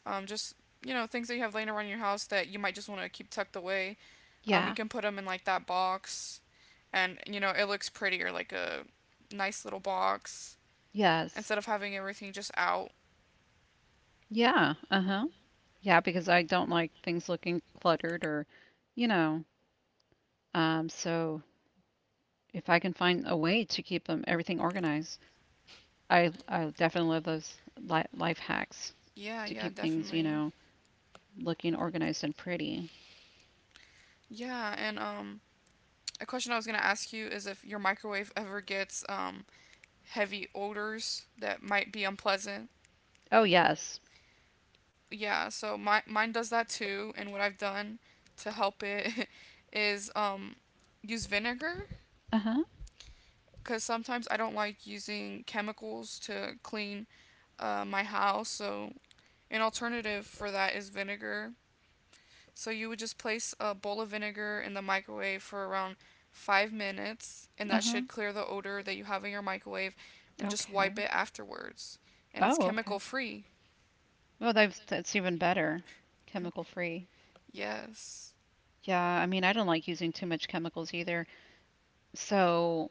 Speaker 1: um just you know, things that you have laying around your house that you might just want to keep tucked away. Um you
Speaker 2: Yeah.
Speaker 1: can put them in like that box and you know, it looks prettier like a nice little box
Speaker 2: Yes.
Speaker 1: instead of having everything just out.
Speaker 2: Yeah. Uh huh. Yeah, because I don't like things looking cluttered or, you know, um, so if I can find a way to keep them everything organized, I I definitely love those li life hacks
Speaker 1: Yeah,
Speaker 2: to
Speaker 1: yeah,
Speaker 2: keep things, you
Speaker 1: definitely.
Speaker 2: know, looking organized and pretty.
Speaker 1: Yeah, and um a question I was gonna ask you is if your microwave ever gets um heavy odors that might be unpleasant.
Speaker 2: Oh, yes.
Speaker 1: Yeah, so my, mine does that too. And what I've done to help it is um, use vinegar
Speaker 2: Uh-huh.
Speaker 1: because sometimes I don't like using chemicals to clean uh, my house. So an alternative for that is vinegar. So you would just place a bowl of vinegar in the microwave for around five minutes, and that
Speaker 2: Uh-huh.
Speaker 1: should clear the odor that you have in your microwave, and just wipe
Speaker 2: Okay.
Speaker 1: it afterwards. And it's
Speaker 2: Oh, okay.
Speaker 1: chemical free.
Speaker 2: Oh, that's that's even better. Chemical free.
Speaker 1: Yes.
Speaker 2: Yeah, I mean, I don't like using too much chemicals either. So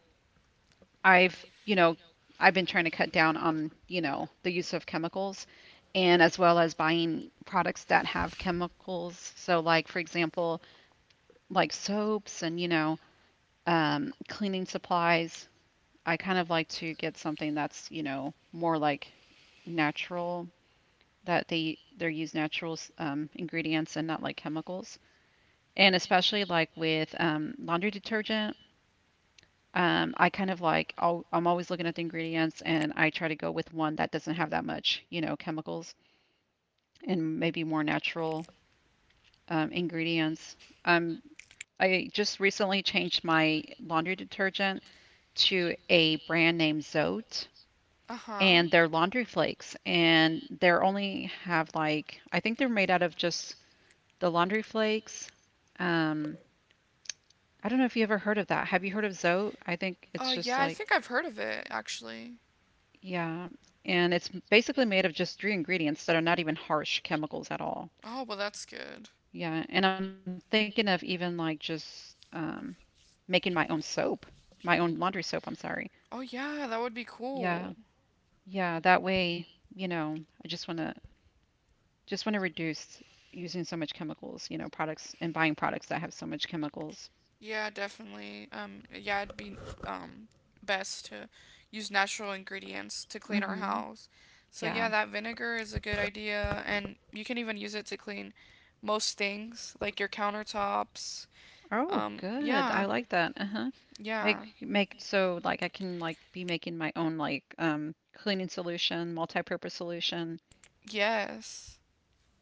Speaker 2: I've, you know, I've been trying to cut down on, you know, the use of chemicals and as well as buying products that have chemicals. So like for example, like soaps and, you know, um, cleaning supplies. I kind of like to get something that's, you know, more like natural, that they they use natural um, ingredients and not like chemicals. And especially like with um, laundry detergent. Um, I kind of like I'll, I'm always looking at the ingredients and I try to go with one that doesn't have that much, you know, chemicals, and maybe more natural um, ingredients. Um, I just recently changed my laundry detergent to a brand named Zote,
Speaker 1: Uh huh.
Speaker 2: and they're laundry flakes and they're only
Speaker 1: they
Speaker 2: have like I think they're made out of just the laundry flakes. Um, I don't know if you ever heard of that. Have you heard of Zote? I think it's
Speaker 1: Uh,
Speaker 2: just
Speaker 1: yeah, I
Speaker 2: like
Speaker 1: think I've heard of it, actually.
Speaker 2: yeah, and it's m- basically made of just three ingredients that are not even harsh chemicals at all.
Speaker 1: Oh, well, that's good.
Speaker 2: Yeah, and I'm thinking of even like just um, making my own soap, my own laundry soap, I'm sorry.
Speaker 1: Oh, yeah, that would be
Speaker 2: Yeah.
Speaker 1: cool.
Speaker 2: Yeah, that way, you know, I just want to just want to reduce using so much chemicals, you know, products and buying products that have so much chemicals.
Speaker 1: Yeah, definitely. Um, yeah, it'd be, um, best to use natural ingredients to clean our
Speaker 2: Mhm.
Speaker 1: house. So, yeah,
Speaker 2: Yeah.
Speaker 1: that vinegar is a good idea, and you can even use it to clean most things, like your countertops.
Speaker 2: Oh,
Speaker 1: Um,
Speaker 2: good. I
Speaker 1: yeah,
Speaker 2: like that. Uh-huh. Make
Speaker 1: yeah. like
Speaker 2: make so like I can like be making my own like um cleaning solution, multi-purpose solution.
Speaker 1: Yes.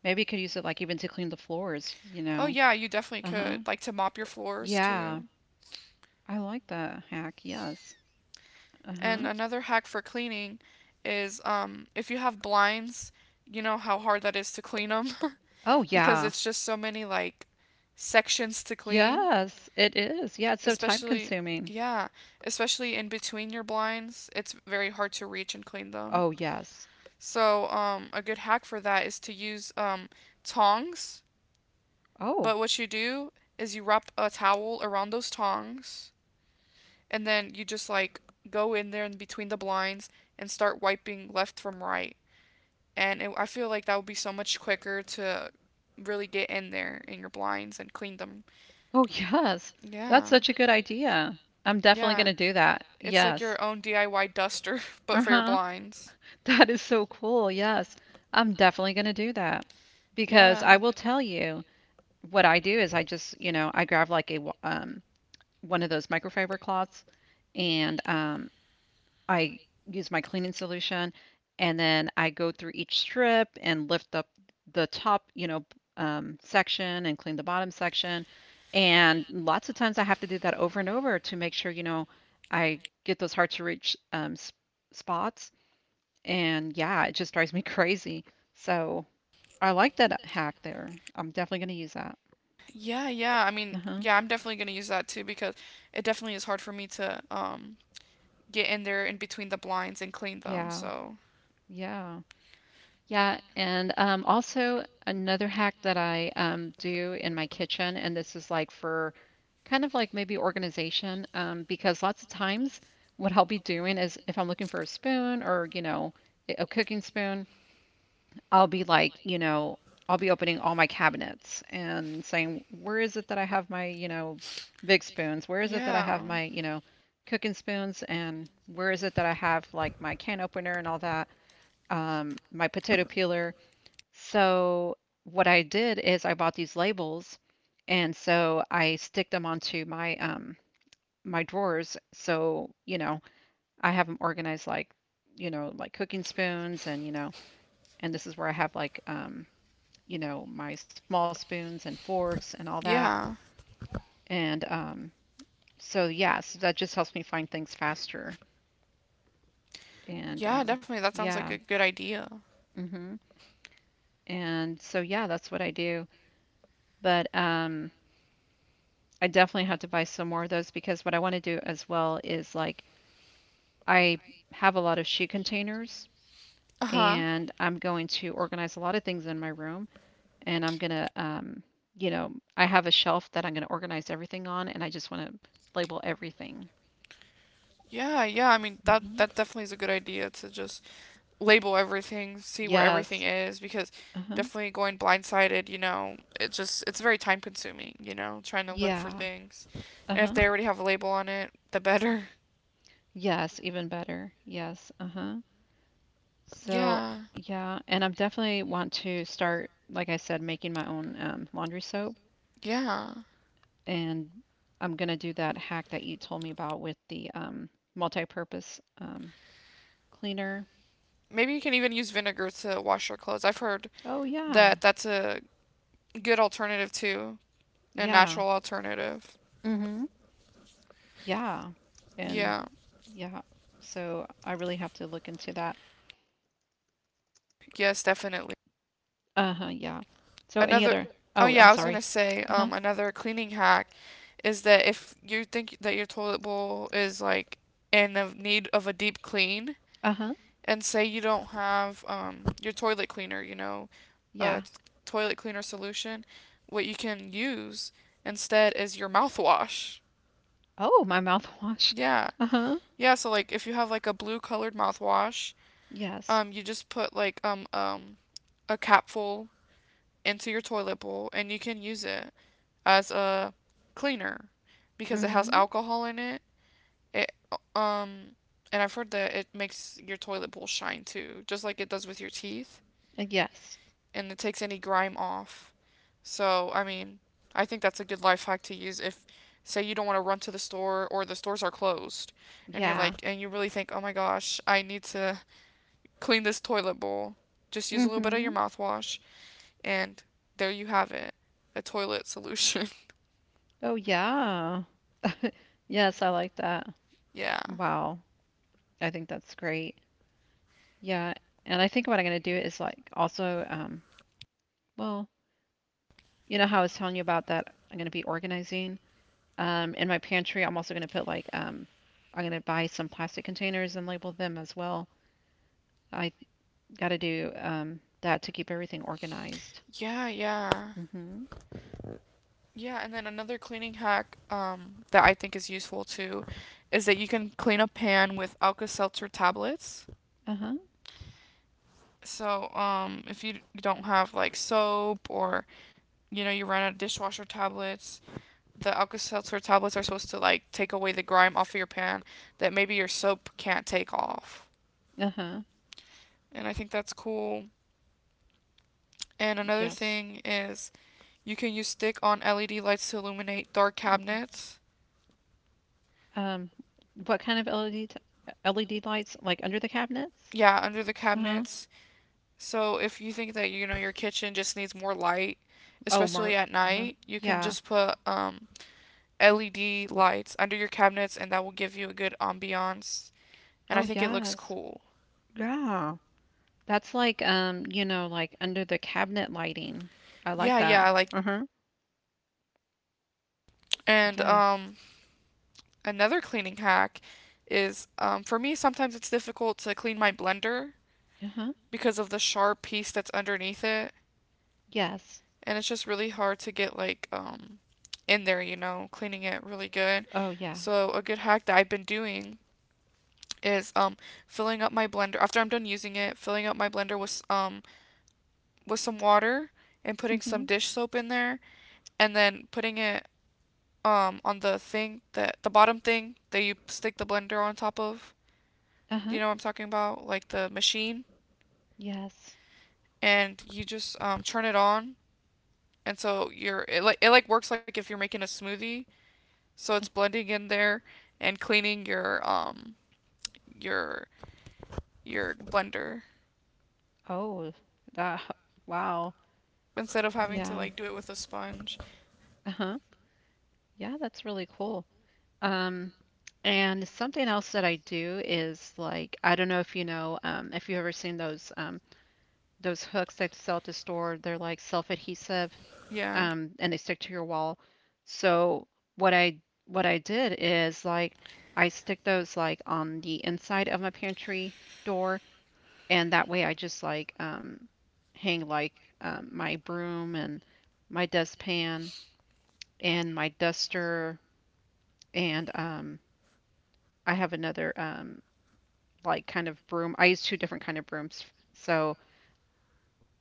Speaker 2: Maybe you could use it like even to clean the floors, you
Speaker 1: Oh
Speaker 2: know.
Speaker 1: yeah, you definitely
Speaker 2: Uh-huh.
Speaker 1: could. Like to mop your floors
Speaker 2: Yeah.
Speaker 1: too.
Speaker 2: I like that hack. Yes.
Speaker 1: And
Speaker 2: Uh-huh.
Speaker 1: another hack for cleaning is um if you have blinds, you know how hard that is to clean them
Speaker 2: Oh,
Speaker 1: because
Speaker 2: yeah.
Speaker 1: it's just so many like sections to clean,
Speaker 2: Yes, it is. Yeah, it's so time
Speaker 1: especially
Speaker 2: consuming.
Speaker 1: yeah, especially in between your blinds. It's very hard to reach and clean them.
Speaker 2: Oh, yes.
Speaker 1: So um a good hack for that is to use um tongs,
Speaker 2: Oh.
Speaker 1: but what you do is you wrap a towel around those tongs and then you just like go in there and between the blinds and start wiping left from right. And it, I feel like that would be so much quicker to really get in there in your blinds and clean them.
Speaker 2: Oh, yes. That's
Speaker 1: Yeah.
Speaker 2: such a good idea. I'm definitely going
Speaker 1: Yeah.
Speaker 2: to do that.
Speaker 1: It's like
Speaker 2: Yes.
Speaker 1: your own D I Y duster, but for your
Speaker 2: Uh-huh.
Speaker 1: blinds.
Speaker 2: That is so cool. Yes. I'm definitely going to do that because
Speaker 1: Yeah.
Speaker 2: I will tell you what I do is I just, you know, I grab like a wa- um one of those microfiber cloths and um I use my cleaning solution, and then I go through each strip and lift up the top, you know, um, section and clean the bottom section. And lots of times I have to do that over and over to make sure, you know, I get those hard to reach um, s- spots and yeah, it just drives me crazy. So I like that hack there. I'm definitely going to use that.
Speaker 1: you. Yeah, yeah. I mean,
Speaker 2: Uh-huh.
Speaker 1: yeah, I'm definitely gonna use that too because it definitely is hard for me to um get in there in between the blinds and clean them.
Speaker 2: Yeah.
Speaker 1: So
Speaker 2: Yeah. Yeah. And um, also another hack that I um, do in my kitchen, and this is like for kind of like maybe organization, um, because lots of times what I'll be doing is if I'm looking for a spoon or, you know, a a cooking spoon, I'll be like, you know, I'll be opening all my cabinets and saying, where is it that I have my, you know, big spoons? Where is it that I
Speaker 1: yeah,
Speaker 2: have my, you know, cooking spoons? And where is it that I have like my can opener and all that? Um, my potato peeler. So what I did is I bought these labels and so I stick them onto my um my drawers. So, you know, I have them organized like, you know, like cooking spoons and, you know, and this is where I have like um you know, my small spoons and forks and all that.
Speaker 1: yeah.
Speaker 2: And um, so, yeah, so that just helps me find things faster. And
Speaker 1: Yeah,
Speaker 2: um,
Speaker 1: definitely. That sounds like
Speaker 2: yeah,
Speaker 1: a good idea.
Speaker 2: hmm and so, yeah, that's what I do. But um, I definitely have to buy some more of those because what I want to do as well is like I have a lot of shoe containers
Speaker 1: Uh huh.
Speaker 2: and I'm going to organize a lot of things in my room and I'm going to, um, you know, I have a shelf that I'm going to organize everything on and I just want to label everything.
Speaker 1: Yeah, yeah. I mean that
Speaker 2: Mm-hmm.
Speaker 1: that definitely is a good idea to just label everything, see where everything
Speaker 2: Yes.
Speaker 1: is, because
Speaker 2: Uh-huh.
Speaker 1: definitely going blindsided, you know, it just it's very time consuming, you know, trying to look for
Speaker 2: Yeah.
Speaker 1: things. And if
Speaker 2: Uh-huh.
Speaker 1: they already have a label on it, the better.
Speaker 2: Yes, even better. Yes. Uh-huh. So,
Speaker 1: Yeah,
Speaker 2: yeah, and I'm definitely want to start, like I said, making my own um, laundry soap,
Speaker 1: yeah.
Speaker 2: and I'm gonna do that hack that you told me about with the um, multi-purpose um, cleaner.
Speaker 1: Maybe you can even use vinegar to wash your clothes. I've heard
Speaker 2: Oh yeah,
Speaker 1: that that's a good alternative too, a
Speaker 2: yeah.
Speaker 1: natural alternative.
Speaker 2: Mm-hmm. Yeah, and
Speaker 1: Yeah.
Speaker 2: yeah. So I really have to look into that.
Speaker 1: Yes, definitely.
Speaker 2: Uh-huh. Yeah. So any
Speaker 1: Another.
Speaker 2: other?
Speaker 1: Oh
Speaker 2: Oh, I'm
Speaker 1: yeah, I was gonna
Speaker 2: sorry.
Speaker 1: say,
Speaker 2: Uh-huh.
Speaker 1: um, another cleaning hack is that if you think that your toilet bowl is like in of need of a deep clean,
Speaker 2: Uh-huh.
Speaker 1: and say you don't have um your toilet cleaner, you know, a
Speaker 2: Yeah.
Speaker 1: t- toilet cleaner solution, what you can use instead is your mouthwash.
Speaker 2: Oh, my mouthwash.
Speaker 1: Yeah,
Speaker 2: Uh-huh.
Speaker 1: yeah. So like if you have like a blue colored mouthwash,
Speaker 2: Yes.
Speaker 1: um, you just put like um um a capful into your toilet bowl and you can use it as a cleaner because it has
Speaker 2: Mm-hmm.
Speaker 1: alcohol in it. It um and I've heard that it makes your toilet bowl shine too, just like it does with your teeth,
Speaker 2: Uh, Yes.
Speaker 1: and it takes any grime off. So, I mean, I think that's a good life hack to use if say you don't want to run to the store or the stores are closed and you're
Speaker 2: Yeah.
Speaker 1: like and you really think, "Oh my gosh, I need to clean this toilet bowl." Just use a little bit of
Speaker 2: Mm-hmm.
Speaker 1: your mouthwash and there you have it. A toilet solution.
Speaker 2: Oh, yeah. Yes, I like that.
Speaker 1: yeah.
Speaker 2: Wow. I think that's great. Yeah. And I think what I'm going to do is like also, um, well, you know how I was telling you about that I'm going to be organizing. Um, in my pantry, I'm also going to put like, um, I'm going to buy some plastic containers and label them as well. I got to do um, that to keep everything organized.
Speaker 1: Yeah, yeah.
Speaker 2: Mm-hmm.
Speaker 1: Yeah, and then another cleaning hack um, that I think is useful too is that you can clean a pan with Alka Seltzer tablets.
Speaker 2: Uh-huh.
Speaker 1: So um, if you don't have like soap or you know you run out of dishwasher tablets, the Alka Seltzer tablets are supposed to like take away the grime off of your pan that maybe your soap can't take off.
Speaker 2: Uh-huh.
Speaker 1: And I think that's cool. And another
Speaker 2: Yes.
Speaker 1: thing is you can use stick on L E D lights to illuminate dark
Speaker 2: Mhm.
Speaker 1: cabinets.
Speaker 2: Um, what kind of L E D L E D lights? Like under the cabinets?
Speaker 1: Yeah, under the
Speaker 2: Uh-huh.
Speaker 1: cabinets. So if you think that you know your kitchen just needs more light,
Speaker 2: Oh, more.
Speaker 1: especially at
Speaker 2: Uh-huh.
Speaker 1: night, you can
Speaker 2: Yeah.
Speaker 1: just put um, L E D lights under your cabinets, and that will give you a good ambiance. And
Speaker 2: Oh,
Speaker 1: I think it looks
Speaker 2: yes.
Speaker 1: cool.
Speaker 2: Yeah. That's like um, you know, like under the cabinet lighting. I like
Speaker 1: Yeah,
Speaker 2: that.
Speaker 1: yeah, like
Speaker 2: Uh-huh.
Speaker 1: and
Speaker 2: Yeah.
Speaker 1: um, another cleaning hack is um, for me sometimes it's difficult to clean my blender
Speaker 2: Uh-huh.
Speaker 1: because of the sharp piece that's underneath it,
Speaker 2: Yes.
Speaker 1: and it's just really hard to get like um, in there, you know, cleaning it really good.
Speaker 2: Oh, yeah.
Speaker 1: So a good hack that I've been doing is um filling up my blender after I'm done using it, filling up my blender with um with some water and putting some
Speaker 2: Mm-hmm.
Speaker 1: dish soap in there and then putting it um on the thing that the bottom thing that you stick the blender on top of.
Speaker 2: Uh-huh.
Speaker 1: Do you know what I'm talking about? Like the machine
Speaker 2: Yes.
Speaker 1: and you just um turn it on and so you're it like it like works like if you're making a smoothie. So
Speaker 2: Uh,
Speaker 1: it's blending in there and cleaning your um your your blender
Speaker 2: Oh, that. Wow.
Speaker 1: instead of having to
Speaker 2: Yeah.
Speaker 1: like do it with a sponge.
Speaker 2: Uh-huh. Yeah, that's really cool. Um, and something else that I do is like I don't know if you know um, if you've ever seen those um, those hooks that sell at the store. They're like self-adhesive
Speaker 1: Yeah.
Speaker 2: um, and they stick to your wall. So what I what I did is like I stick those like on the inside of my pantry door, and that way I just like um, hang like um, my broom and my dustpan and my duster and um, I have another um, like kind of broom. I use two different kind of brooms. So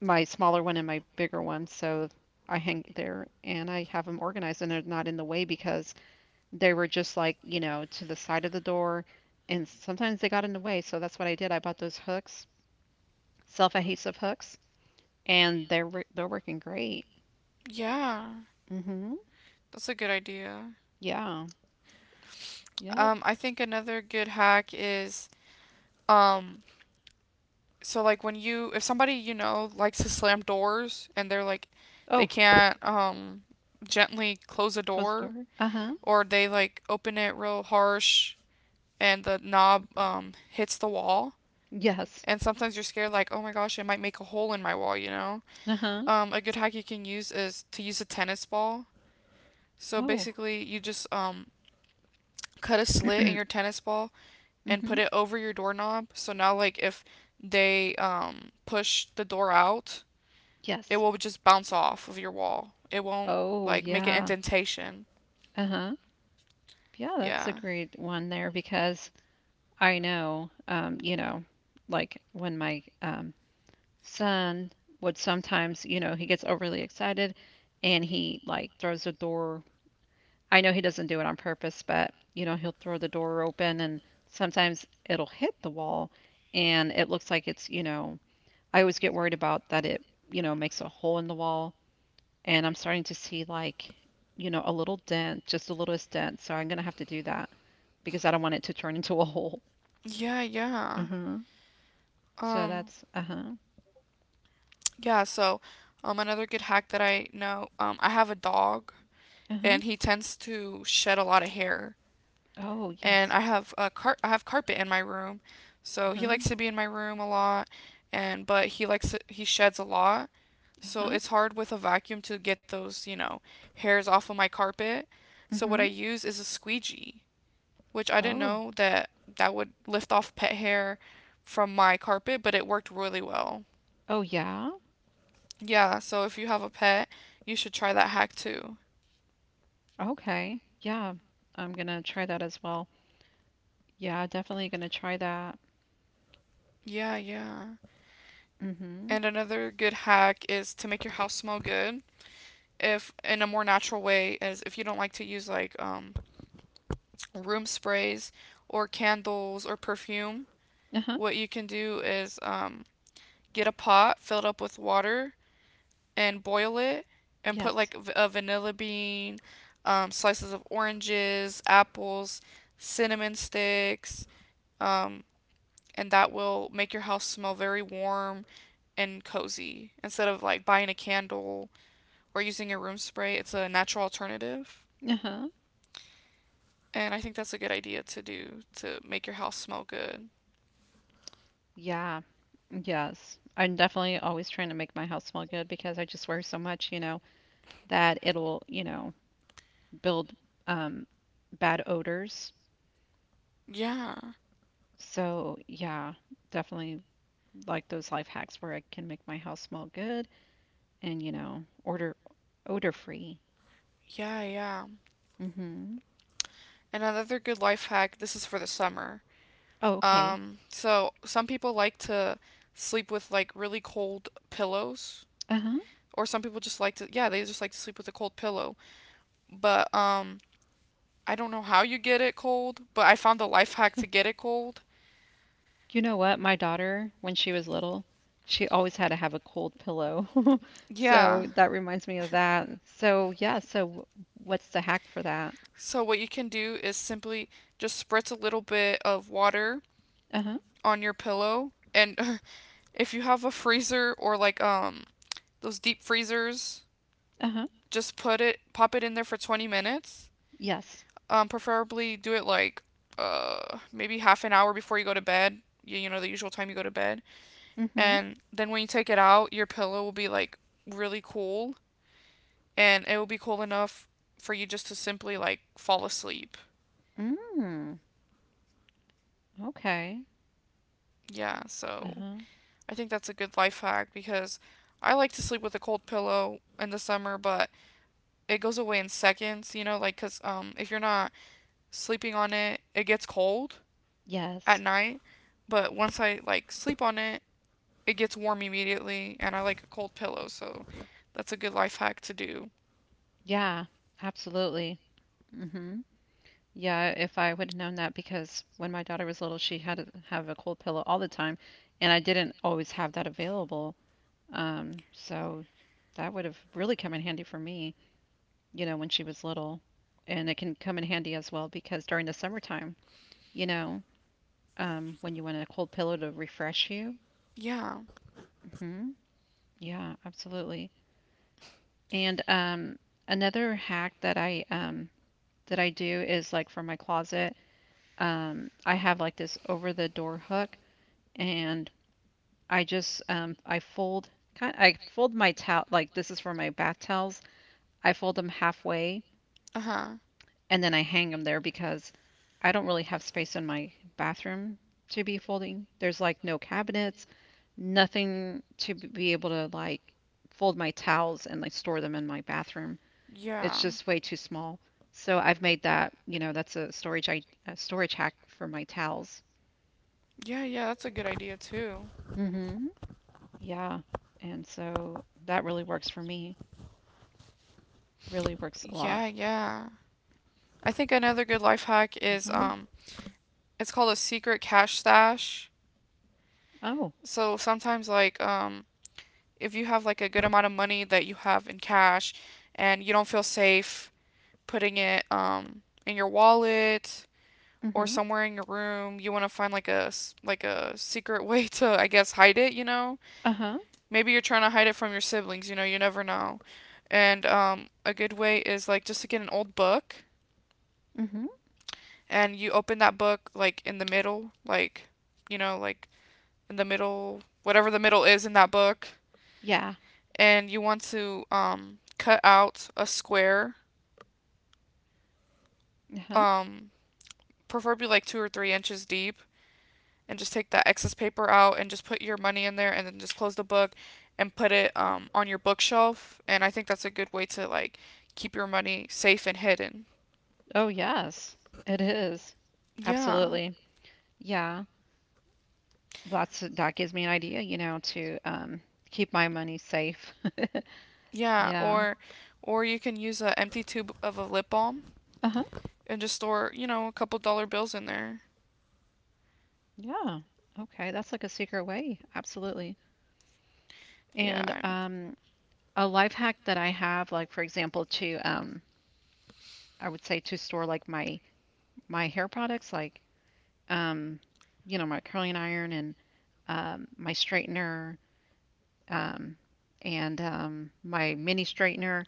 Speaker 2: my smaller one and my bigger one. So I hang there and I have them organized and they're not in the way because they were just like, you know, to the side of the door and sometimes they got in the way. So that's what I did. I bought those hooks, self-adhesive hooks, and they're wor- they're working great.
Speaker 1: Yeah,
Speaker 2: Mhm.
Speaker 1: that's a good idea.
Speaker 2: Yeah. Yep.
Speaker 1: Um, I think another good hack is um, so like when you if somebody you know likes to slam doors and they're like they
Speaker 2: Oh,
Speaker 1: can't um gently close a
Speaker 2: close the
Speaker 1: door
Speaker 2: door. Uh-huh.
Speaker 1: or they like open it real harsh and the knob um hits the wall
Speaker 2: Yes.
Speaker 1: and sometimes you're scared like oh my gosh it might make a hole in my wall you know
Speaker 2: Uh-huh.
Speaker 1: um a good hack you can use is to use a tennis ball so
Speaker 2: Oh.
Speaker 1: basically you just um cut a slit in your tennis ball and
Speaker 2: Mhm.
Speaker 1: put it over your doorknob. So now, like, if they um, push the door out, it
Speaker 2: Yes.
Speaker 1: will just bounce off of your wall. It won't,
Speaker 2: Oh,
Speaker 1: like, make an
Speaker 2: yeah.
Speaker 1: indentation.
Speaker 2: Uh-huh. Yeah, that's a
Speaker 1: Yeah.
Speaker 2: great one there because I know, um, you know, like when my um, son would sometimes, you know, he gets overly excited and he like throws the door. I know he doesn't do it on purpose, but you know, he'll throw the door open and sometimes it'll hit the wall and it looks like it's, you know, I always get worried about that it, you know, makes a hole in the wall and I'm starting to see like, you know, a little dent, just the littlest dent. So I'm gonna have to do that because I don't want it to turn into a hole.
Speaker 1: Yeah, yeah.
Speaker 2: Uh-huh. So
Speaker 1: Um,
Speaker 2: that's, uh-huh.
Speaker 1: yeah, so um, another good hack that I know um, I have a dog,
Speaker 2: Uh-huh.
Speaker 1: and he tends to shed a lot of hair.
Speaker 2: Oh,
Speaker 1: And
Speaker 2: yes.
Speaker 1: I have a car- I have carpet in my room, so he
Speaker 2: Uh-huh.
Speaker 1: likes to be in my room a lot. And but he likes to- he sheds a lot. So
Speaker 2: Uh-huh.
Speaker 1: it's hard with a vacuum to get those, you know, hairs off of my carpet. So what
Speaker 2: Mm-hmm.
Speaker 1: I use is a squeegee, which I didn't
Speaker 2: Oh.
Speaker 1: know that that would lift off pet hair from my carpet, but it worked really well.
Speaker 2: Oh, yeah.
Speaker 1: Yeah, so if you have a pet, you should try that hack too.
Speaker 2: Okay. Yeah. I'm gonna try that as well. Yeah, definitely gonna try that.
Speaker 1: Yeah, yeah.
Speaker 2: Mm-hmm.
Speaker 1: And another good hack is to make your house smell good. If in a more natural way is if you don't like to use like um room sprays or candles or perfume,
Speaker 2: Uh-huh.
Speaker 1: what you can do is um get a pot filled up with water and boil it and put
Speaker 2: Yes.
Speaker 1: like a vanilla bean, um, slices of oranges, apples, cinnamon sticks, um, and that will make your house smell very warm and cozy instead of like buying a candle or using a room spray. It's a natural alternative.
Speaker 2: Uh-huh.
Speaker 1: And I think that's a good idea to do to make your house smell good.
Speaker 2: Yeah. Yes. I'm definitely always trying to make my house smell good because I just wear so much, you know, that it'll, you know, build um, bad odors.
Speaker 1: Yeah,
Speaker 2: So, yeah, definitely like those life hacks where I can make my house smell good and, you know, order odor free.
Speaker 1: yeah, yeah.
Speaker 2: Mm-hmm.
Speaker 1: And another good life hack, this is for the summer.
Speaker 2: Oh, okay.
Speaker 1: Um, so some people like to sleep with like really cold pillows,
Speaker 2: Uh-huh.
Speaker 1: or some people just like to, yeah, they just like to sleep with a cold pillow. But um, I don't know how you get it cold, but I found a life hack to get it cold.
Speaker 2: You know what? My daughter, when she was little, she always had to have a cold pillow.
Speaker 1: Yeah.
Speaker 2: So that reminds me of that. So, yeah, so w- what's the hack for that?
Speaker 1: So what you can do is simply just spritz a little bit of water
Speaker 2: Uh-huh.
Speaker 1: on your pillow, and if you have a freezer or like um those deep freezers,
Speaker 2: Uh-huh.
Speaker 1: just put it, pop it in there for twenty minutes.
Speaker 2: Yes.
Speaker 1: Um, preferably do it like uh maybe half an hour before you go to bed. You, you know the usual time you go to bed.
Speaker 2: Mm-hmm.
Speaker 1: And then when you take it out, your pillow will be like really cool, and it will be cool enough for you just to simply like fall asleep.
Speaker 2: Mm. Okay.
Speaker 1: Yeah, so
Speaker 2: Uh-huh.
Speaker 1: I think that's a good life hack because I like to sleep with a cold pillow in the summer, but it goes away in seconds, you know, like cuz um if you're not sleeping on it, it gets cold at
Speaker 2: Yes.
Speaker 1: night, but once I like sleep on it, it gets warm immediately, and I like a cold pillow, so that's a good life hack to do.
Speaker 2: Yeah, absolutely. hmm Yeah, if I would have known that, because when my daughter was little, she had to have a cold pillow all the time, and I didn't always have that available. Um, so that would have really come in handy for me, you know, when she was little. And it can come in handy as well because during the summertime, you know, um, when you want a cold pillow to refresh you.
Speaker 1: Yeah.
Speaker 2: hmm Yeah, absolutely. And um, another hack that I um, that I do is like for my closet. um, I have like this over the door hook, and I just um, I fold kind I fold my towel like this is for my bath towels. I fold them halfway
Speaker 1: Uh huh.
Speaker 2: and then I hang them there because I don't really have space in my bathroom to be folding. There's like no cabinets, nothing to be able to like fold my towels and like store them in my bathroom. It's
Speaker 1: Yeah.
Speaker 2: just way too small. So I've made that, you know, that's a storage I a storage hack for my towels.
Speaker 1: Yeah, yeah, that's a good idea too.
Speaker 2: hmm Yeah. And so that really works for me. Really works a lot.
Speaker 1: Yeah, yeah. I think another good life hack is
Speaker 2: Uh-huh.
Speaker 1: um it's called a secret cash stash.
Speaker 2: Oh.
Speaker 1: So sometimes like um if you have like a good amount of money that you have in cash and you don't feel safe putting it um in your wallet or
Speaker 2: Mm-hmm.
Speaker 1: somewhere in your room you want to find like a like a secret way to I guess hide it you know
Speaker 2: Uh-huh.
Speaker 1: maybe you're trying to hide it from your siblings you know you never know and um, a good way is like just to get an old book
Speaker 2: Mm-hmm.
Speaker 1: and you open that book like in the middle like you know like in the middle whatever the middle is in that book
Speaker 2: Yeah.
Speaker 1: and you want to um, cut out a square,
Speaker 2: Uh-huh.
Speaker 1: um, preferably like two or three inches deep and just take that excess paper out and just put your money in there and then just close the book and put it um, on your bookshelf. And I think that's a good way to like keep your money safe and hidden.
Speaker 2: Oh, yes. It is.
Speaker 1: Yeah.
Speaker 2: Absolutely. Yeah. Lots of, that gives me an idea, you know, to um keep my money safe.
Speaker 1: Yeah,
Speaker 2: Yeah.
Speaker 1: or or you can use an empty tube of a lip balm
Speaker 2: Uh-huh.
Speaker 1: and just store, you know, a couple dollar bills in there.
Speaker 2: Yeah. Okay, that's like a secret way. Absolutely.
Speaker 1: Yeah.
Speaker 2: And
Speaker 1: I,
Speaker 2: um a life hack that I have, like for example, to um I would say to store like my my hair products like um, you know, my curling iron and um, my straightener um, and um, my mini straightener.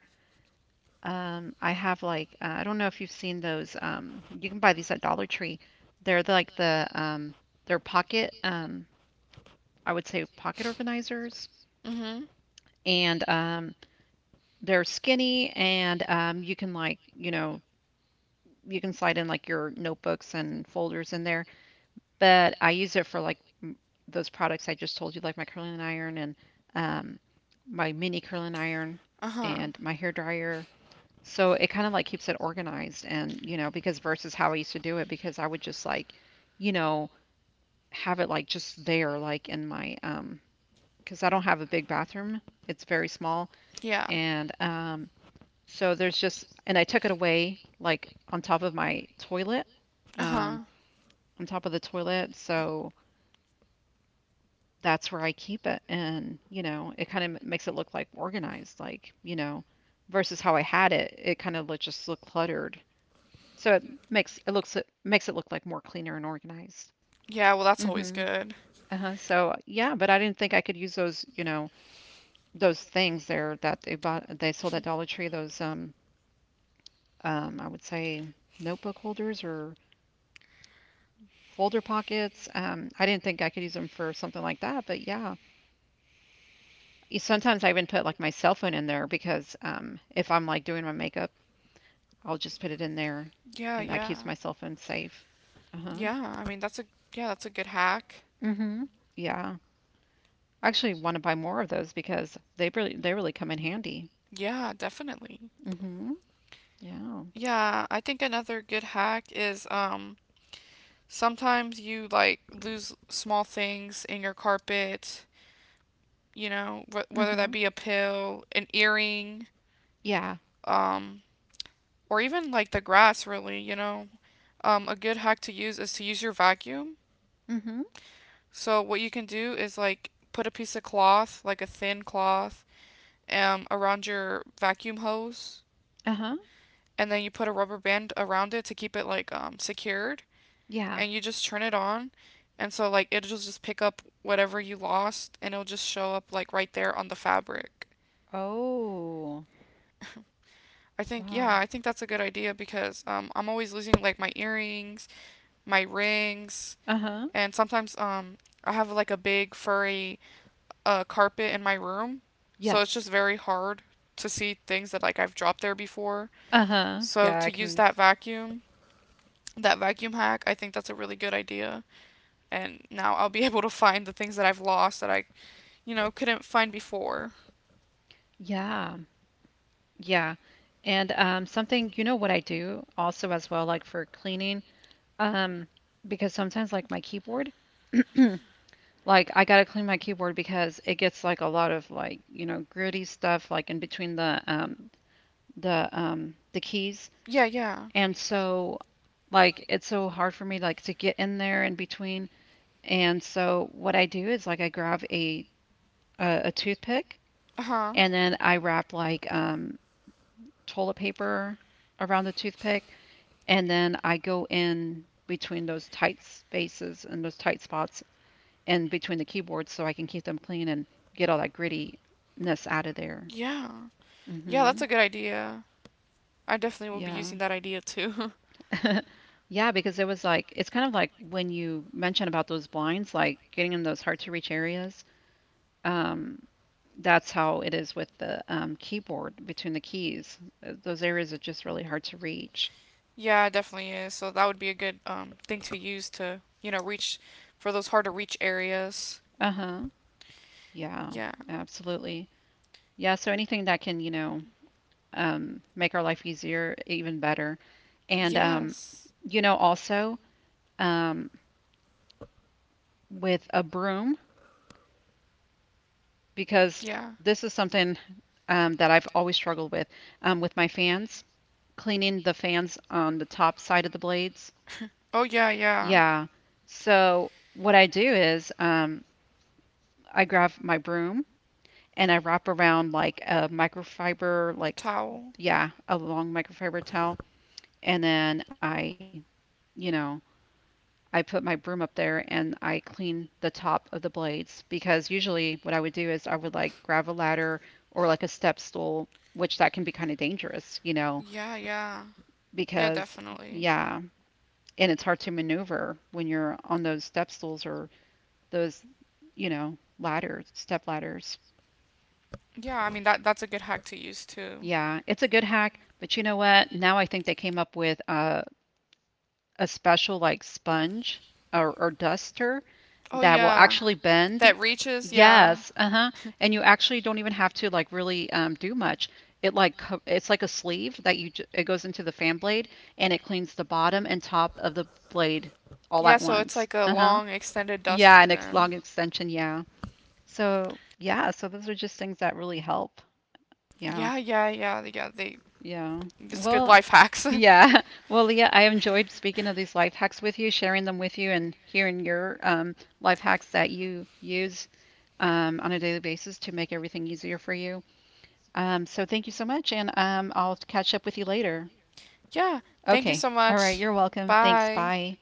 Speaker 2: Um, I have like uh, I don't know if you've seen those. Um, you can buy these at Dollar Tree. They're the- like the um, they're pocket um, I would say pocket organizers,
Speaker 1: mhm.
Speaker 2: and um, they're skinny and um, you can like you know you can slide in like your notebooks and folders in there but I use it for like m- those products I just told you, like my curling iron and um, my mini curling iron
Speaker 1: Uh-huh.
Speaker 2: and my hair dryer. So it kind of like keeps it organized, and you know, because versus how I used to do it, because I would just like, you know, have it like just there, like in my um, because I don't have a big bathroom. It's very small,
Speaker 1: Yeah.
Speaker 2: and um, so there's just, and I took it away like on top of my toilet,
Speaker 1: Uh-huh.
Speaker 2: um, on top of the toilet, so that's where I keep it. And, you know, it kind of makes it look like organized, like, you know, versus how I had it, it kind of look, just look cluttered. So it makes it looks it makes it look like more cleaner and organized.
Speaker 1: Yeah, well that's always
Speaker 2: hmm
Speaker 1: good.
Speaker 2: Uh-huh. So yeah, but I didn't think I could use those, you know, those things there that they bought they sold at Dollar Tree, those um um I would say notebook holders or folder pockets. Um I didn't think I could use them for something like that, but yeah, y- sometimes I even put like my cell phone in there because um, if I'm like doing my makeup, I'll just put it in there,
Speaker 1: Yeah,
Speaker 2: and that
Speaker 1: yeah.
Speaker 2: keeps my cell phone safe. Uh huh.
Speaker 1: Yeah, I mean that's a yeah, that's a good hack.
Speaker 2: Mhm. Yeah. I actually want to buy more of those because they really they really come in handy.
Speaker 1: Yeah, definitely.
Speaker 2: Mhm. Yeah.
Speaker 1: Yeah, I think another good hack is um sometimes you like lose small things in your carpet, you know, wh- whether that
Speaker 2: Mhm.
Speaker 1: be a pill, an earring,
Speaker 2: Yeah.
Speaker 1: um or even like the grass really, you know. Um a good hack to use is to use your vacuum.
Speaker 2: Mhm.
Speaker 1: So what you can do is like put a piece of cloth, like a thin cloth, um around your vacuum hose
Speaker 2: Uh-huh.
Speaker 1: and then you put a rubber band around it to keep it like um secured
Speaker 2: Yeah.
Speaker 1: and you just turn it on and so like it'll just pick up whatever you lost and it'll just show up like right there on the fabric.
Speaker 2: Oh.
Speaker 1: I think
Speaker 2: Wow.
Speaker 1: yeah, I think that's a good idea because um I'm always losing like my earrings, my rings,
Speaker 2: Uh-huh.
Speaker 1: and sometimes um I have like a big furry uh carpet in my room. So it's
Speaker 2: Yes.
Speaker 1: just very hard to see things that like I've dropped there before.
Speaker 2: Uh-huh.
Speaker 1: So
Speaker 2: Yeah,
Speaker 1: to
Speaker 2: I
Speaker 1: use
Speaker 2: can. unders-
Speaker 1: that vacuum, that vacuum hack, I think that's a really good idea. And now I'll be able to find the things that I've lost that I, you know, couldn't find before.
Speaker 2: Yeah. Yeah. And um something you know what I do also as well like for cleaning. Um, because sometimes like my keyboard, like I gotta clean my keyboard because it gets like a lot of like, you know, gritty stuff like in between the um the um the keys.
Speaker 1: Yeah, yeah.
Speaker 2: And so like it's so hard for me like to get in there in between. And so what I do is like I grab a a, a toothpick
Speaker 1: Uh huh.
Speaker 2: and then I wrap like um toilet paper around the toothpick and then I go in between those tight spaces and those tight spots in between the keyboards so I can keep them clean and get all that grittiness out of there.
Speaker 1: Yeah. Yeah,
Speaker 2: hmm
Speaker 1: that's a good idea. I definitely will be
Speaker 2: Yeah.
Speaker 1: using that idea too.
Speaker 2: Yeah, because it was like it's kind of like when you mentioned about those blinds, like getting in those hard to reach areas. Um, that's how it is with the um, keyboard between the keys. Uh, Those areas are just really hard to reach.
Speaker 1: yeah, it definitely is. So that would be a good um thing to use to, you know, reach for those hard to reach areas.
Speaker 2: Uh-huh. Yeah,
Speaker 1: Yeah.
Speaker 2: absolutely. Yeah, so anything that can, you know, um, make our life easier, even better. And um,
Speaker 1: Yes.
Speaker 2: you know, also um, with a broom because
Speaker 1: Yeah.
Speaker 2: this is something um, that I've always struggled with um, with my fans, cleaning the fans on the top side of the blades.
Speaker 1: Oh yeah, yeah.
Speaker 2: Yeah. So what I do is um, I grab my broom and I wrap around like a microfiber, like,
Speaker 1: Towel.
Speaker 2: yeah, a long microfiber towel. And then I, you know, I put my broom up there and I clean the top of the blades because usually what I would do is I would like grab a ladder or like a step stool, which that can be kind of dangerous, you know,
Speaker 1: Yeah, yeah. Yeah,
Speaker 2: because
Speaker 1: definitely.
Speaker 2: yeah, and it's hard to maneuver when you're on those step stools or those, you know, ladders, step ladders.
Speaker 1: Yeah, I mean that that's a good hack to use too.
Speaker 2: Yeah, it's a good hack, but you know what? Now I think they came up with uh, a special like sponge or, or duster
Speaker 1: Oh
Speaker 2: that will
Speaker 1: yeah.
Speaker 2: actually bend. Yeah.
Speaker 1: That reaches, yeah.
Speaker 2: Yes, uh-huh. And you actually don't even have to like really um, do much. It like co- it's like a sleeve that you j- it goes into the fan blade and it cleans the bottom and top of the blade all
Speaker 1: Yeah,
Speaker 2: at so
Speaker 1: so it's
Speaker 2: once.
Speaker 1: like a
Speaker 2: like Uh-huh.
Speaker 1: long extended
Speaker 2: Yeah,
Speaker 1: duster
Speaker 2: an ex
Speaker 1: then.
Speaker 2: long extension, yeah. So, yeah, so those are just things that really help. Yeah.
Speaker 1: Yeah, yeah, yeah, yeah. They
Speaker 2: Yeah.
Speaker 1: it's good
Speaker 2: Well,
Speaker 1: life hacks.
Speaker 2: yeah. Well, Leah, I enjoyed speaking of these life hacks with you, sharing them with you, and hearing your um, life hacks that you use um, on a daily basis to make everything easier for you. Um, so thank you so much, and um, I'll catch up with you later.
Speaker 1: yeah. Thank you
Speaker 2: Okay.
Speaker 1: so
Speaker 2: All right.
Speaker 1: much.
Speaker 2: You're welcome. Thanks.
Speaker 1: Bye.
Speaker 2: Bye.